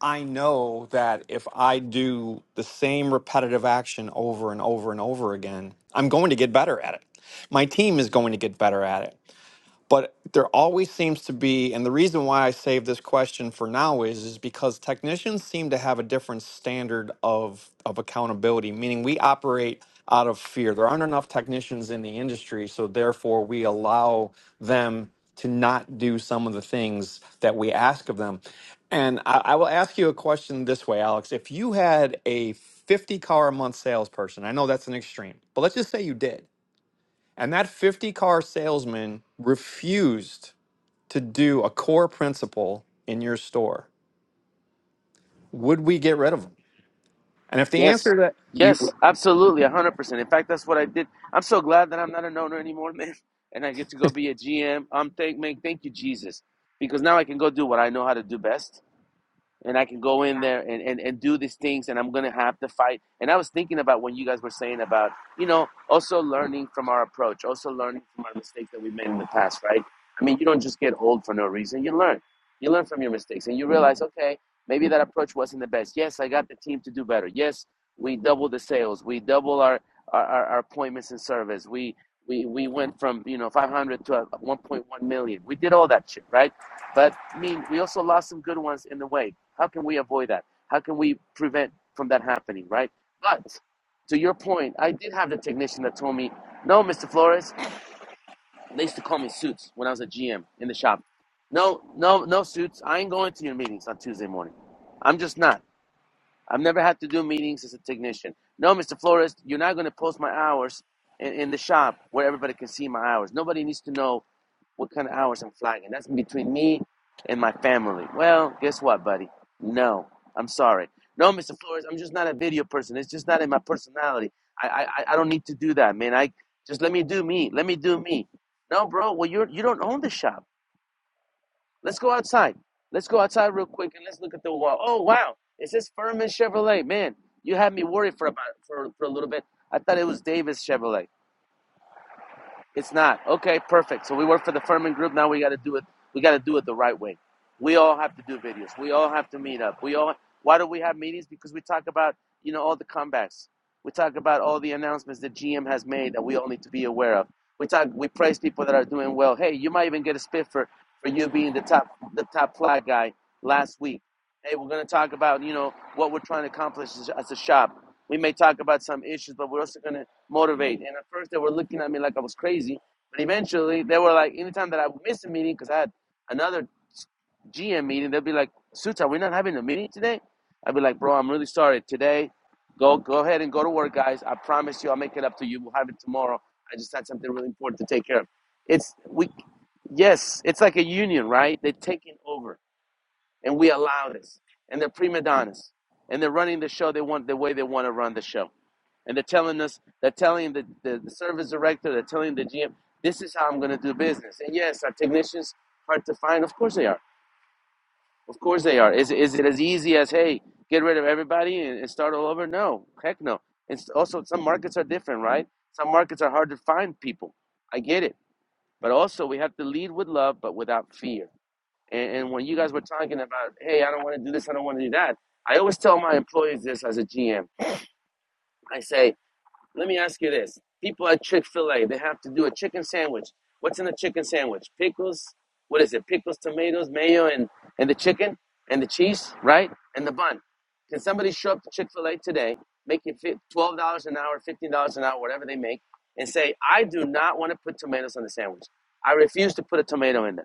Speaker 1: I know that if I do the same repetitive action over and over and over again, I'm going to get better at it. My team is going to get better at it. But there always seems to be, and the reason why I save this question for now is, is because technicians seem to have a different standard of, of accountability, meaning we operate out of fear. There aren't enough technicians in the industry, so therefore we allow them to not do some of the things that we ask of them. And I, I will ask you a question this way, Alex. If you had a 50 car a month salesperson, I know that's an extreme, but let's just say you did and that 50 car salesman refused to do a core principle in your store. Would we get rid of them? And if the
Speaker 11: Yes.
Speaker 1: answer to that we
Speaker 11: Yes, absolutely, 100%. In fact, that's what I did. I'm so glad that I'm not an owner anymore, man. And I get to go be a GM. I'm thank man, thank you Jesus, because now I can go do what I know how to do best and I can go in there and, and, and do these things and I'm gonna have to fight. And I was thinking about when you guys were saying about, you know, also learning from our approach, also learning from our mistakes that we made in the past, right? I mean you don't just get old for no reason. You learn. You learn from your mistakes and you realize, okay, maybe that approach wasn't the best. Yes, I got the team to do better. Yes, we doubled the sales, we doubled our our, our appointments and service. We we we went from, you know, five hundred to uh, one point one million. We did all that shit, right? But I mean, we also lost some good ones in the way. How can we avoid that? How can we prevent from that happening, right? But to your point, I did have the technician that told me, no, Mr. Flores, they used to call me Suits when I was a GM in the shop. No, no, no, Suits, I ain't going to your meetings on Tuesday morning. I'm just not. I've never had to do meetings as a technician. No, Mr. Flores, you're not going to post my hours in, in the shop where everybody can see my hours. Nobody needs to know what kind of hours I'm flying in. That's between me and my family. Well, guess what, buddy? No, I'm sorry. No, Mr. Flores, I'm just not a video person. It's just not in my personality. I, I I don't need to do that, man. I just let me do me. Let me do me. No, bro. Well, you're you don't own the shop. Let's go outside. Let's go outside real quick and let's look at the wall. Oh wow, it says Furman Chevrolet. Man, you had me worried for about for, for a little bit. I thought it was Davis Chevrolet. It's not. Okay, perfect. So we work for the Furman Group. Now we got to do it. We got to do it the right way. We all have to do videos. We all have to meet up. We all. Why do we have meetings? Because we talk about you know all the comebacks. We talk about all the announcements that GM has made that we all need to be aware of. We talk. We praise people that are doing well. Hey, you might even get a spit for for you being the top the top flag guy last week. Hey, we're gonna talk about you know what we're trying to accomplish as as a shop. We may talk about some issues, but we're also gonna motivate. And at first, they were looking at me like I was crazy. But eventually, they were like, anytime that I would miss a meeting, because I had another GM meeting, they'd be like, Suits, are we not having a meeting today? I'd be like, Bro, I'm really sorry. Today, go go ahead and go to work, guys. I promise you, I'll make it up to you. We'll have it tomorrow. I just had something really important to take care of. It's we, yes, it's like a union, right? They're taking over, and we allow this, and they're prima donnas, and they're running the show. They want the way they want to run the show and they're telling us, they're telling the, the, the service director, they're telling the GM, this is how I'm going to do business. And yes, our technicians are hard to find? Of course they are. Of course they are. Is, is it as easy as, hey, get rid of everybody and, and start all over? No, heck no. And also, some markets are different, right? Some markets are hard to find people. I get it. But also, we have to lead with love, but without fear. And, and when you guys were talking about, hey, I don't want to do this, I don't want to do that, I always tell my employees this as a GM. I say, Let me ask you this. People at Chick fil A, they have to do a chicken sandwich. What's in the chicken sandwich? Pickles? What is it? Pickles, tomatoes, mayo, and, and the chicken, and the cheese, right? And the bun. Can somebody show up to Chick fil A today, make it $12 an hour, $15 an hour, whatever they make, and say, I do not want to put tomatoes on the sandwich. I refuse to put a tomato in there.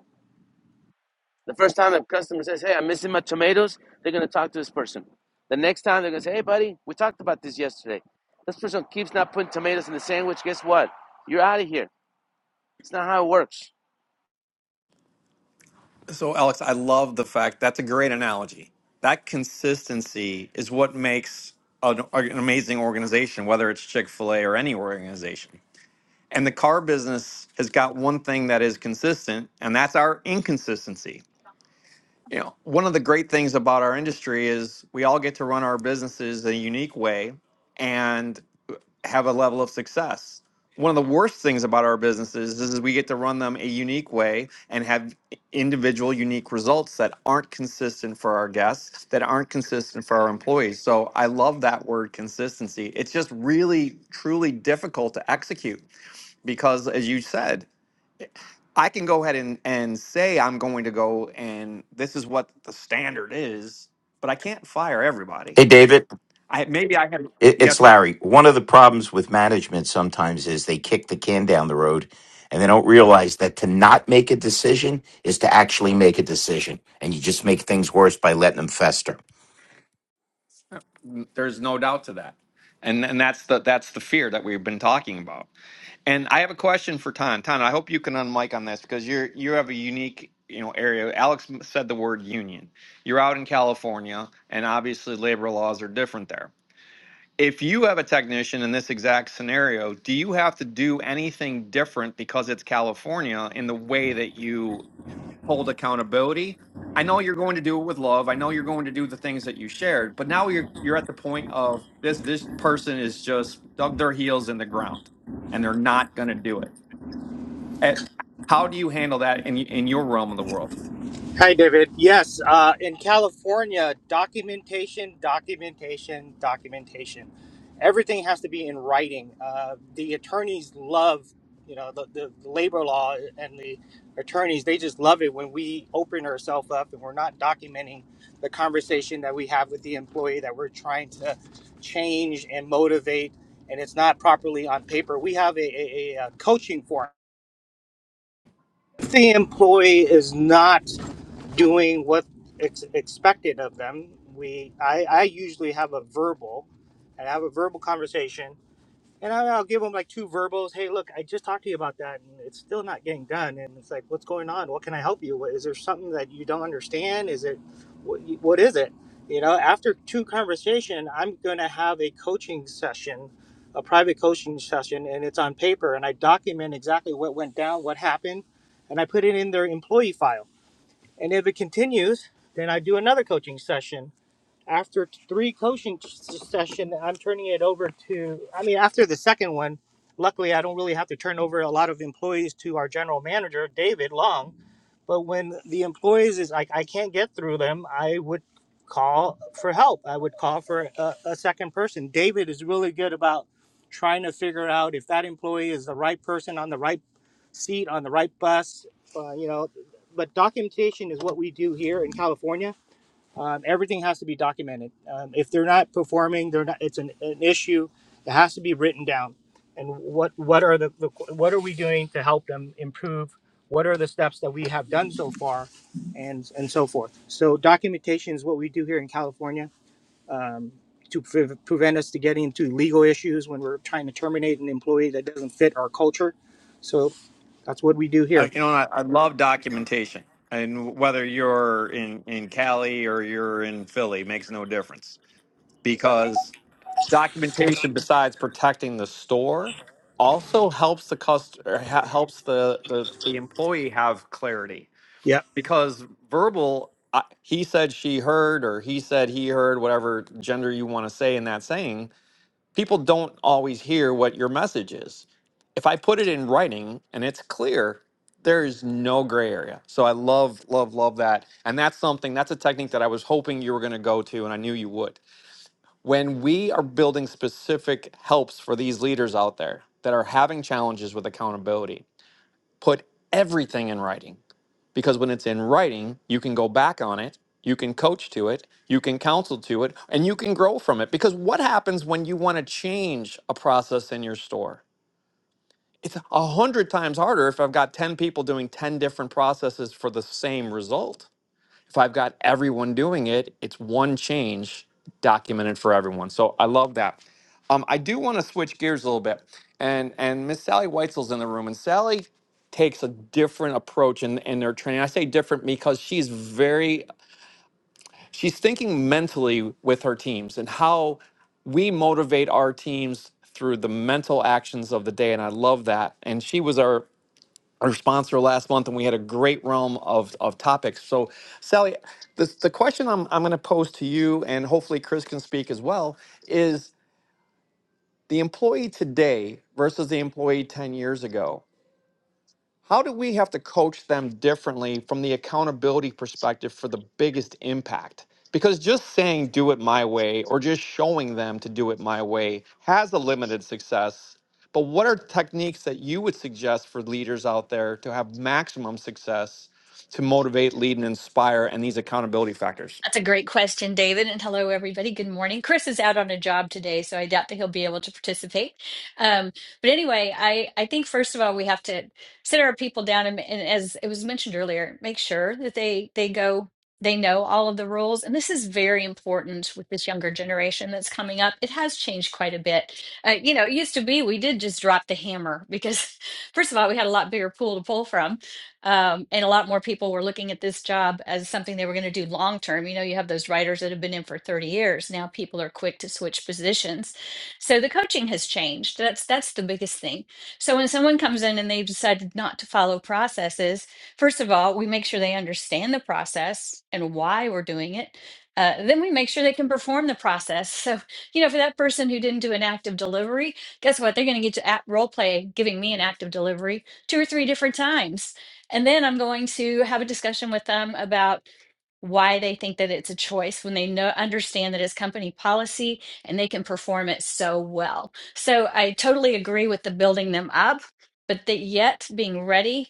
Speaker 11: The first time a customer says, "Hey, I'm missing my tomatoes," they're gonna talk to this person. The next time they're gonna say, "Hey, buddy, we talked about this yesterday. This person keeps not putting tomatoes in the sandwich. Guess what? You're out of here. It's not how it works.
Speaker 1: so Alex, I love the fact that's a great analogy. That consistency is what makes an, an amazing organization, whether it's Chick-fil-A or any organization. And the car business has got one thing that is consistent, and that's our inconsistency. you know, one of the great things about our industry is we all get to run our businesses a unique way and have a level of success. One of the worst things about our businesses is, we get to run them a unique way and have individual unique results that aren't consistent for our guests, that aren't consistent for our employees. So I love that word consistency. It's just really, truly difficult to execute because, as you said, I can go ahead and, and say I'm going to go and this is what the standard is, but I can't fire everybody.
Speaker 12: Hey, David,
Speaker 1: I maybe I have
Speaker 12: it, it's
Speaker 1: yes, sir.
Speaker 12: Larry. One of the problems with management sometimes is they kick the can down the road and they don't realize that to not make a decision is to actually make a decision. And you just make things worse by letting them fester.
Speaker 1: There's no doubt to that. And and that's the that's the fear that we've been talking about. And I have a question for Tan. Tan, I hope you can unmic on this because you're you have a unique you know area. Alex m- said the word union. You're out in California, and obviously labor laws are different there. if you have a technician in this exact scenario, do you have to do anything different because it's California in the way that you hold accountability? I know you're going to do it with love. I know you're going to do the things that you shared, but now you're you're at the point of this this person is just dug their heels in the ground and they're not going to do it. Eh, how do you handle that in in your realm of the world?
Speaker 8: Hi, David. Yes, uh, in California, documentation, documentation, documentation. Everything has to be in writing. Uh, the attorneys love, you know, the, the labor law and the attorneys, they just love it when we open ourselves up and we're not documenting the conversation that we have with the employee that we're trying to change and motivate, and it's not properly on paper. We have a, a, a uh, coaching forum. If the employee is not doing what ex- expected of them. We I, I usually have a verbal, and I have a verbal conversation, and I, I'll give them like two verbals. Hey, look, I just talked to you about that, and it's still not getting done. And it's like, what's going on? What can I help you? with? Is there something that you don't understand? Is it what, what is it? You know, after two conversation, I'm gonna have a coaching session, a private coaching session, and it's on paper, and I document exactly what went down, what happened, and I put it in their employee file and if it continues, then I do another coaching session. After three coaching sessions, I'm turning it over to. I mean, after the second one, luckily I don't really have to turn over a lot of employees to our general manager, David Long but when the employees is like, I can't get through them, I would call for help. I would call for a, a second person. David is really good about trying to figure out if that employee is the right person on the right seat on the right bus. Uh, you know, but documentation is what we do here in California um, everything has to be documented. Um, if they're not performing, they're not. It's an, an issue. It has to be written down. And what what are the, the what are we doing to help them improve? What are the steps that we have done so far, and and so forth. So documentation is what we do here in California um, to pre- prevent us to getting into legal issues when we're trying to terminate an employee that doesn't fit our culture. So that's what we do
Speaker 1: I,
Speaker 8: here.
Speaker 1: you know, I, I love documentation, and whether you're in in Cali or you're in Philly makes no difference because documentation besides protecting the store also helps the customer helps the, the the employee have clarity
Speaker 8: Yeah.
Speaker 1: because verbal I, he said she heard or he said he heard whatever gender you want to say in that saying people don't always hear what your message is if i put it in writing and it's clear there is no gray area so i love love love that and that's something that's a technique that i was hoping you were going to go to and i knew you would when we are building specific helps for these leaders out there that are having challenges with accountability, put everything in writing because when it's in writing, you can go back on it, you can coach to it, you can counsel to it, and you can grow from it. Because what happens when you want to change a process in your store? It's a hundred times harder if I've got 10 people doing 10 different processes for the same result if I've got everyone doing it, it's one change documented for everyone. So I love that. Um, I do want to switch gears a little bit, and and Miss Sally Weitzel's in the room, and Sally takes a different approach in, in their training. I say different because she's very she's thinking mentally with her teams and how we motivate our teams through the mental actions of the day, and I love that. And she was our our sponsor last month, and we had a great realm of, of topics. So, Sally, this, the question I'm, I'm going to pose to you, and hopefully Chris can speak as well, is the employee today versus the employee 10 years ago. How do we have to coach them differently from the accountability perspective for the biggest impact? Because just saying do it my way or just showing them to do it my way has a limited success. But what are techniques that you would suggest for leaders out there to have maximum success to motivate, lead, and inspire and these accountability factors?
Speaker 13: That's a great question, David. And hello, everybody. Good morning. Chris is out on a job today, so I doubt that he'll be able to participate. Um, but anyway, I, I think first of all, we have to sit our people down and, and as it was mentioned earlier, make sure that they they go they know all of the rules. And this is very important with this younger generation that's coming up. It has changed quite a bit. Uh, you know, it used to be we did just drop the hammer because, first of all, we had a lot bigger pool to pull from um, and a lot more people were looking at this job as something they were going to do long term. You know, you have those writers that have been in for 30 years. Now people are quick to switch positions. So the coaching has changed. That's that's the biggest thing. So when someone comes in and they've decided not to follow processes, first of all, we make sure they understand the process and why we're doing it. Uh, then we make sure they can perform the process. So, you know, for that person who didn't do an active delivery, guess what? They're going to get to act role play giving me an active delivery two or three different times. And then I'm going to have a discussion with them about why they think that it's a choice when they know understand that it's company policy and they can perform it so well. So I totally agree with the building them up, but that yet being ready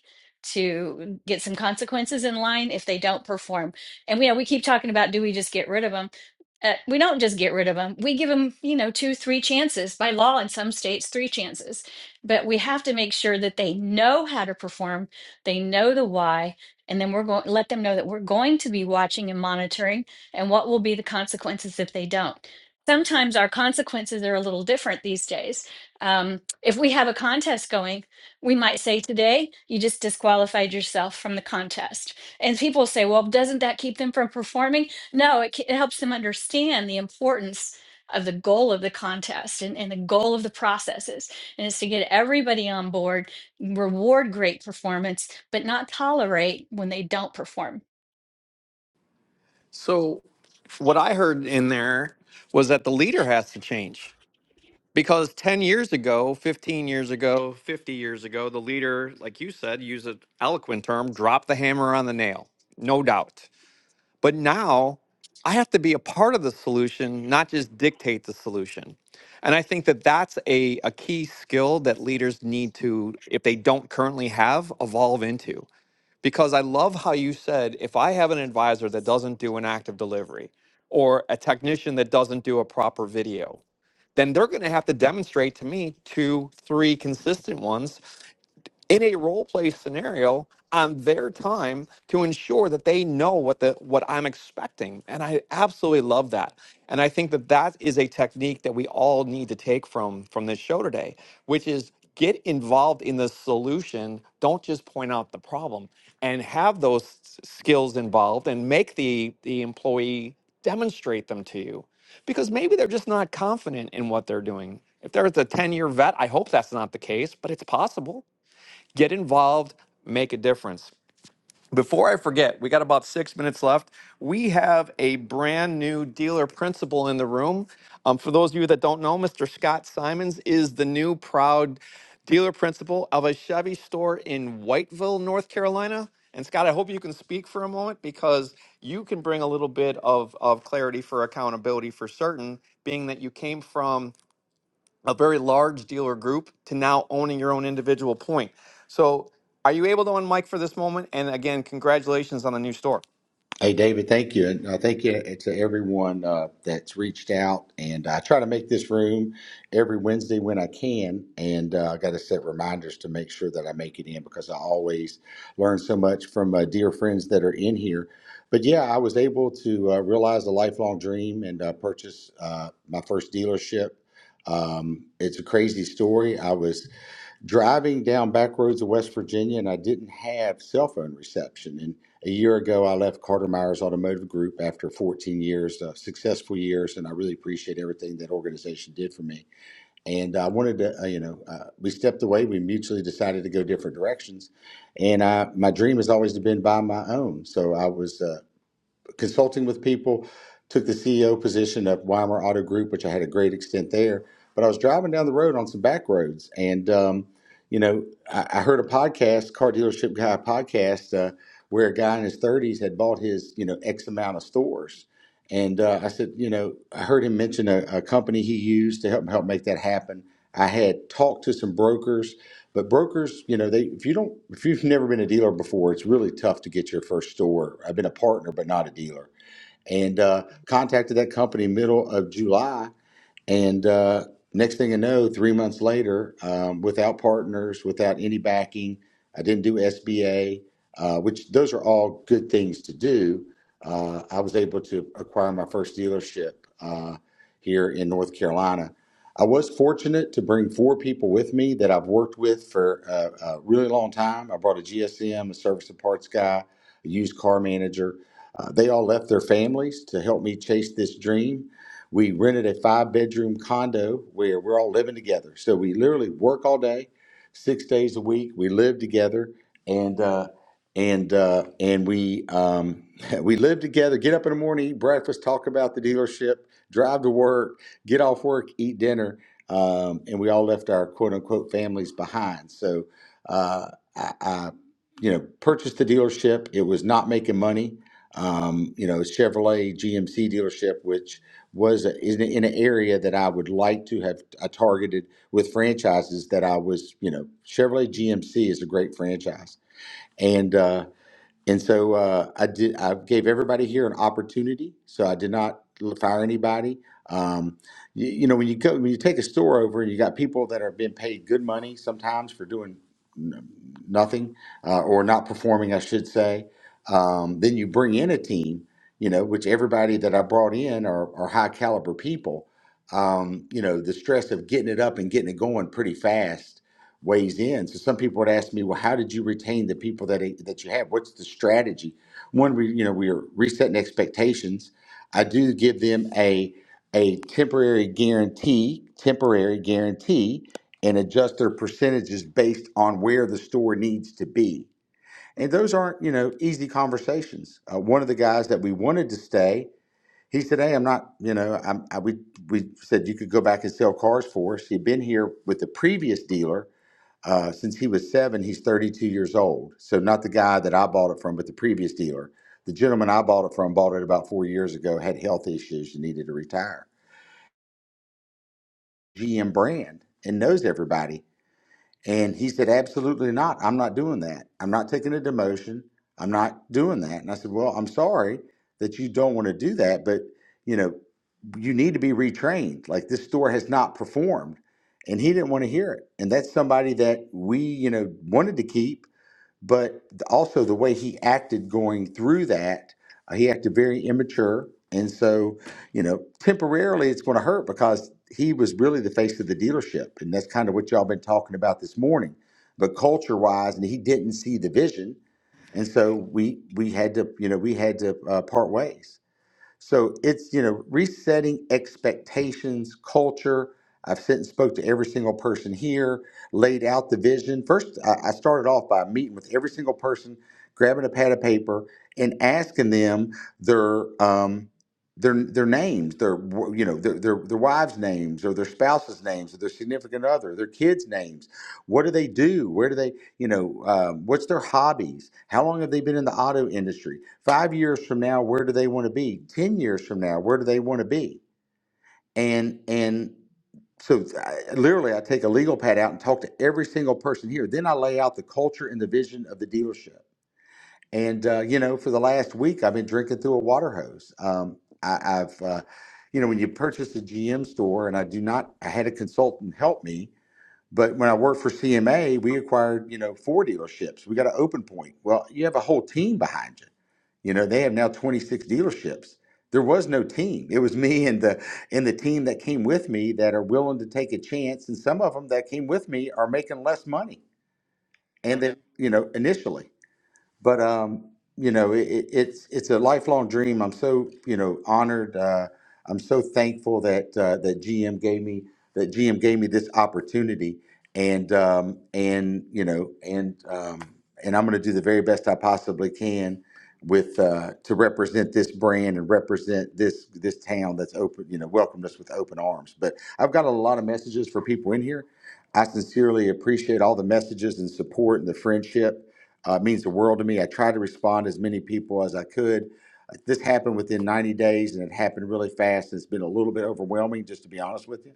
Speaker 13: to get some consequences in line if they don't perform. And yeah, we keep talking about do we just get rid of them? Uh, we don't just get rid of them. We give them, you know, two, three chances by law in some states, three chances. But we have to make sure that they know how to perform, they know the why, and then we're going let them know that we're going to be watching and monitoring and what will be the consequences if they don't. Sometimes our consequences are a little different these days. Um, if we have a contest going, we might say today you just disqualified yourself from the contest. And people say, well, doesn't that keep them from performing? No, it, ca- it helps them understand the importance of the goal of the contest and, and the goal of the processes, and it's to get everybody on board, reward great performance, but not tolerate when they don't perform.
Speaker 1: So, what I heard in there was that the leader has to change Because 10 years ago, 15 years ago, 50 years ago, the leader, like you said, use an eloquent term, drop the hammer on the nail, no doubt. But now I have to be a part of the solution, not just dictate the solution. And I think that that's a, a key skill that leaders need to, if they don't currently have, evolve into. Because I love how you said if I have an advisor that doesn't do an active delivery or a technician that doesn't do a proper video, then they're going to have to demonstrate to me two, three consistent ones in a role play scenario on their time to ensure that they know what the what I'm expecting and I absolutely love that and I think that that is a technique that we all need to take from from this show today which is get involved in the solution don't just point out the problem and have those s- skills involved and make the the employee demonstrate them to you because maybe they're just not confident in what they're doing if there's a 10 year vet I hope that's not the case but it's possible Get involved, make a difference. Before I forget, we got about six minutes left. We have a brand new dealer principal in the room. Um, for those of you that don't know, Mr. Scott Simons is the new proud dealer principal of a Chevy store in Whiteville, North Carolina. And Scott, I hope you can speak for a moment because you can bring a little bit of, of clarity for accountability for certain, being that you came from a very large dealer group to now owning your own individual point. So, are you able to unmic for this moment? And again, congratulations on the new store.
Speaker 14: Hey, David, thank you. And uh, thank you to everyone uh, that's reached out. And I try to make this room every Wednesday when I can. And uh, I got to set reminders to make sure that I make it in because I always learn so much from uh, dear friends that are in here. But yeah, I was able to uh, realize a lifelong dream and uh, purchase uh, my first dealership. Um, it's a crazy story. I was driving down back roads of West Virginia, and I didn't have cell phone reception. And a year ago, I left Carter Myers Automotive Group after 14 years, uh, successful years, and I really appreciate everything that organization did for me. And I wanted to, uh, you know, uh, we stepped away. We mutually decided to go different directions, and I, my dream has always been to buy my own. So I was. Uh, consulting with people, took the CEO position at Weimar Auto Group, which I had a great extent there. But I was driving down the road on some back roads, and um, you know, I, I heard a podcast, car dealership guy podcast, uh, where a guy in his thirties had bought his you know X amount of stores, and uh, I said, you know, I heard him mention a, a company he used to help help make that happen. I had talked to some brokers but brokers, you know, they if you don't if you've never been a dealer before, it's really tough to get your first store. I've been a partner, but not a dealer, and uh, contacted that company middle of July and uh, next thing I know, three months later, um, without partners, without any backing, I didn't do SBA, uh, which those are all good things to do. Uh, I was able to acquire my first dealership uh, here in North Carolina. I was fortunate to bring four people with me that I've worked with for a, a really long time. I brought a GSM, a service and parts guy, a used car manager. Uh, they all left their families to help me chase this dream. We rented a five bedroom condo where we're all living together. So we literally work all day, six days a week. We live together, and uh, and uh, and we um, we live together. Get up in the morning, eat breakfast, talk about the dealership, drive to work, get off work, eat dinner, um, and we all left our quote unquote families behind. So uh, I, I, you know, purchased the dealership. It was not making money um, you know, Chevrolet GMC dealership, which was a- in, in an area that I would like to have I targeted with franchises that I was, you know, Chevrolet GMC is a great franchise. And, uh, and so uh, I did. I gave everybody here an opportunity. So I did not l- fire anybody. Um, you, you know, when you go, when you take a store over, you got people that are being paid good money sometimes for doing n- nothing uh, or not performing, I should say. Um, then you bring in a team, you know, which everybody that I brought in are, are high caliber people. Um, you know, the stress of getting it up and getting it going pretty fast weighs in. So some people would ask me, well, how did you retain the people that that you have? What's the strategy? One, we you know we are resetting expectations. I do give them a a temporary guarantee, temporary guarantee, and adjust their percentages based on where the store needs to be. And those aren't you know easy conversations. Uh, one of the guys that we wanted to stay. He said, "Hey, I'm not. You know, I'm, I, we we said you could go back and sell cars for us. He'd been here with the previous dealer, uh, since he was seven, he's 32 years old. So not the guy that I bought it from, but the previous dealer. The gentleman I bought it from bought it about four years ago, had health issues and needed to retire. GM brand and knows everybody. And he said, absolutely not. I'm not doing that. I'm not taking a demotion. I'm not doing that. And I said, well, I'm sorry that you don't want to do that, but you know, you need to be retrained. Like this store has not performed. And he didn't want to hear it. And that's somebody that we, you know, wanted to keep but also the way he acted going through that, uh, he acted very immature. And so, you know, temporarily it's going to hurt because he was really the face of the dealership. And that's kind of what y'all been talking about this morning. But culture wise, and he didn't see the vision. And so we we had to, you know, we had to uh, part ways. So it's, you know, resetting expectations, culture. I've sent and spoke to every single person here, laid out the vision. First, I I started off by meeting with every single person, grabbing a pad of paper and asking them their um, their their names, their w- you know their, their their wives' names or their spouses' names or their significant other, their kids' names. What do they do? Where do they? You know, uh, what's their hobbies? How long have they been in the auto industry? Five years from now, where do they want to be? Ten years from now, where do they want to be? And and so I, literally, I take a legal pad out and talk to every single person here. Then I lay out the culture and the vision of the dealership. And uh, you know, for the last week, I've been drinking through a water hose. Um, I, I've, uh, you know, when you purchase a GM store, and I do not, I had a consultant help me but when I worked for CMA, we acquired, you know, four dealerships. We got an open point. Well, you have a whole team behind you. You know, they have now 26 dealerships. There was no team. It was me and the and the team that came with me that are willing to take a chance. And some of them that came with me are making less money. And then, you know, initially but um, you know, it, it, it's it's a lifelong dream. I'm so you know honored. Uh, I'm so thankful that uh, that GM gave me that GM gave me this opportunity, and um, and you know, and um, and I'm going to do the very best I possibly can with uh, to represent this brand and represent this this town that's open you know welcomed us with open arms. But I've got a lot of messages for people in here. I sincerely appreciate all the messages and support and the friendship uh, it means the world to me. I tried to respond to as many people as I could. Uh, This happened within 90 days, and it happened really fast. It's been a little bit overwhelming, just to be honest with you.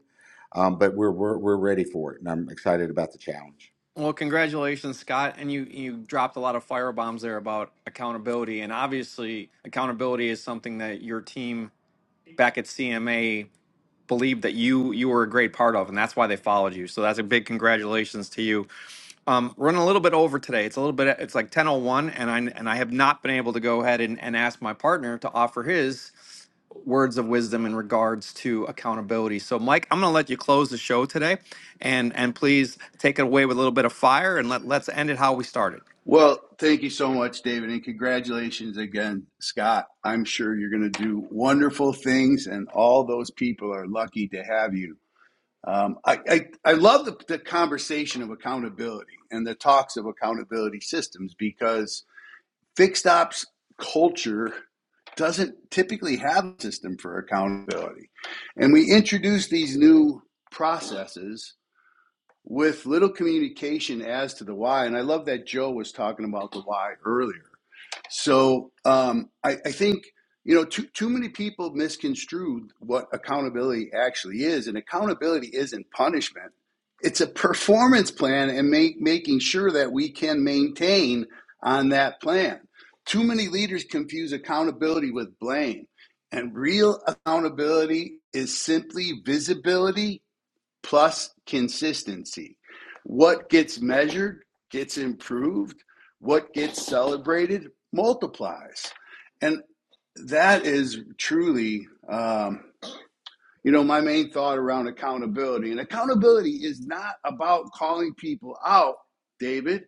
Speaker 14: Um, but we're, we're we're ready for it, and I'm excited about the challenge.
Speaker 1: Well, congratulations, Scott. And you, you dropped a lot of firebombs there about accountability. And obviously, accountability is something that your team back at CMA believed that you you were a great part of, and that's why they followed you. So that's a big congratulations to you. Um, running a little bit over today. It's a little bit. It's like ten oh one, and I and I have not been able to go ahead and, and ask my partner to offer his words of wisdom in regards to accountability. So, Mike, I'm going to let you close the show today, and and please take it away with a little bit of fire, and let let's end it how we started.
Speaker 6: Well, thank you so much, David, and congratulations again, Scott. I'm sure you're going to do wonderful things, and all those people are lucky to have you. Um, I, I, I love the, the conversation of accountability and the talks of accountability systems because fixed ops culture doesn't typically have a system for accountability. And we introduce these new processes with little communication as to the why. And I love that Joe was talking about the why earlier. So um, I, I think you know too too many people misconstrued what accountability actually is, and accountability isn't punishment. It's a performance plan and make, making sure that we can maintain on that plan. Too many leaders confuse accountability with blame. And real accountability is simply visibility plus consistency. What gets measured gets improved, what gets celebrated multiplies. And that is truly um, you know, my main thought around accountability, and accountability is not about calling people out, David.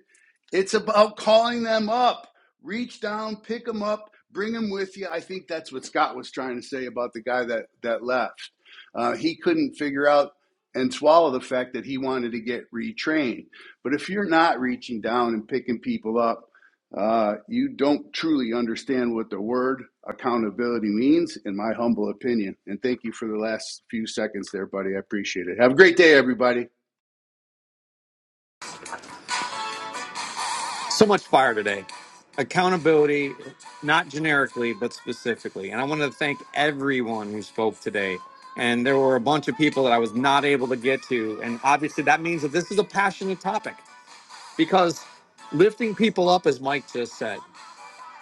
Speaker 6: It's about calling them up. Reach down, pick them up, bring them with you. I think that's what Scott was trying to say about the guy that that left. Uh, he couldn't figure out and swallow the fact that he wanted to get retrained. But if you're not reaching down and picking people up, uh, you don't truly understand what the word accountability means, in my humble opinion. And thank you for the last few seconds there, buddy. I appreciate it. Have a great day, everybody.
Speaker 1: so much fire today. Accountability, not generically, but specifically. And I want to thank everyone who spoke today. And there were a bunch of people that I was not able to get to. And obviously, that means that this is a passionate topic. because lifting people up, as Mike just said,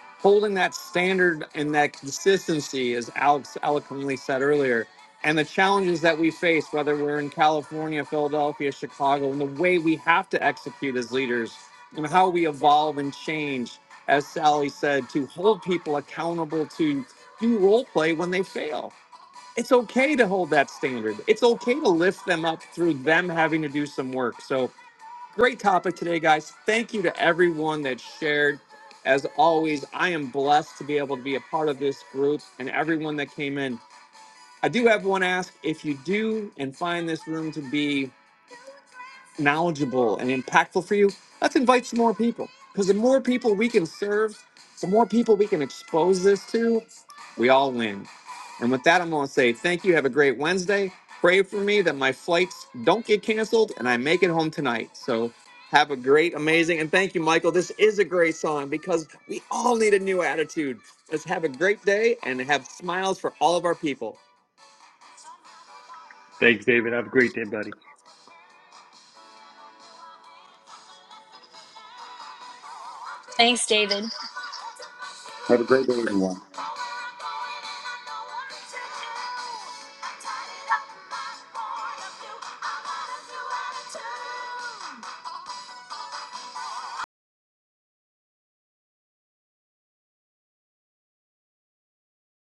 Speaker 1: holding that standard and that consistency, as Alex eloquently said earlier, and the challenges that we face, whether we're in California, Philadelphia, Chicago, and the way we have to execute as leaders and how we evolve and change, as Sally said, to hold people accountable to do role play when they fail. It's okay to hold that standard. It's okay to lift them up through them having to do some work. So, Great topic today, guys. Thank you to everyone that shared. As always, I am blessed to be able to be a part of this group and everyone that came in. I do have one ask if you do and find this room to be knowledgeable and impactful for you, let's invite some more people. Because the more people we can serve, the more people we can expose this to, we all win. And with that, I'm going to say thank you. Have a great Wednesday. Pray for me that my flights don't get canceled and I make it home tonight. So have a great, amazing, and thank you, Michael. This is a great song because we all need a new attitude. Let's have a great day and have smiles for all of our people.
Speaker 4: Thanks, David. Have a great day, buddy.
Speaker 13: Thanks, David.
Speaker 14: Have a great day, everyone.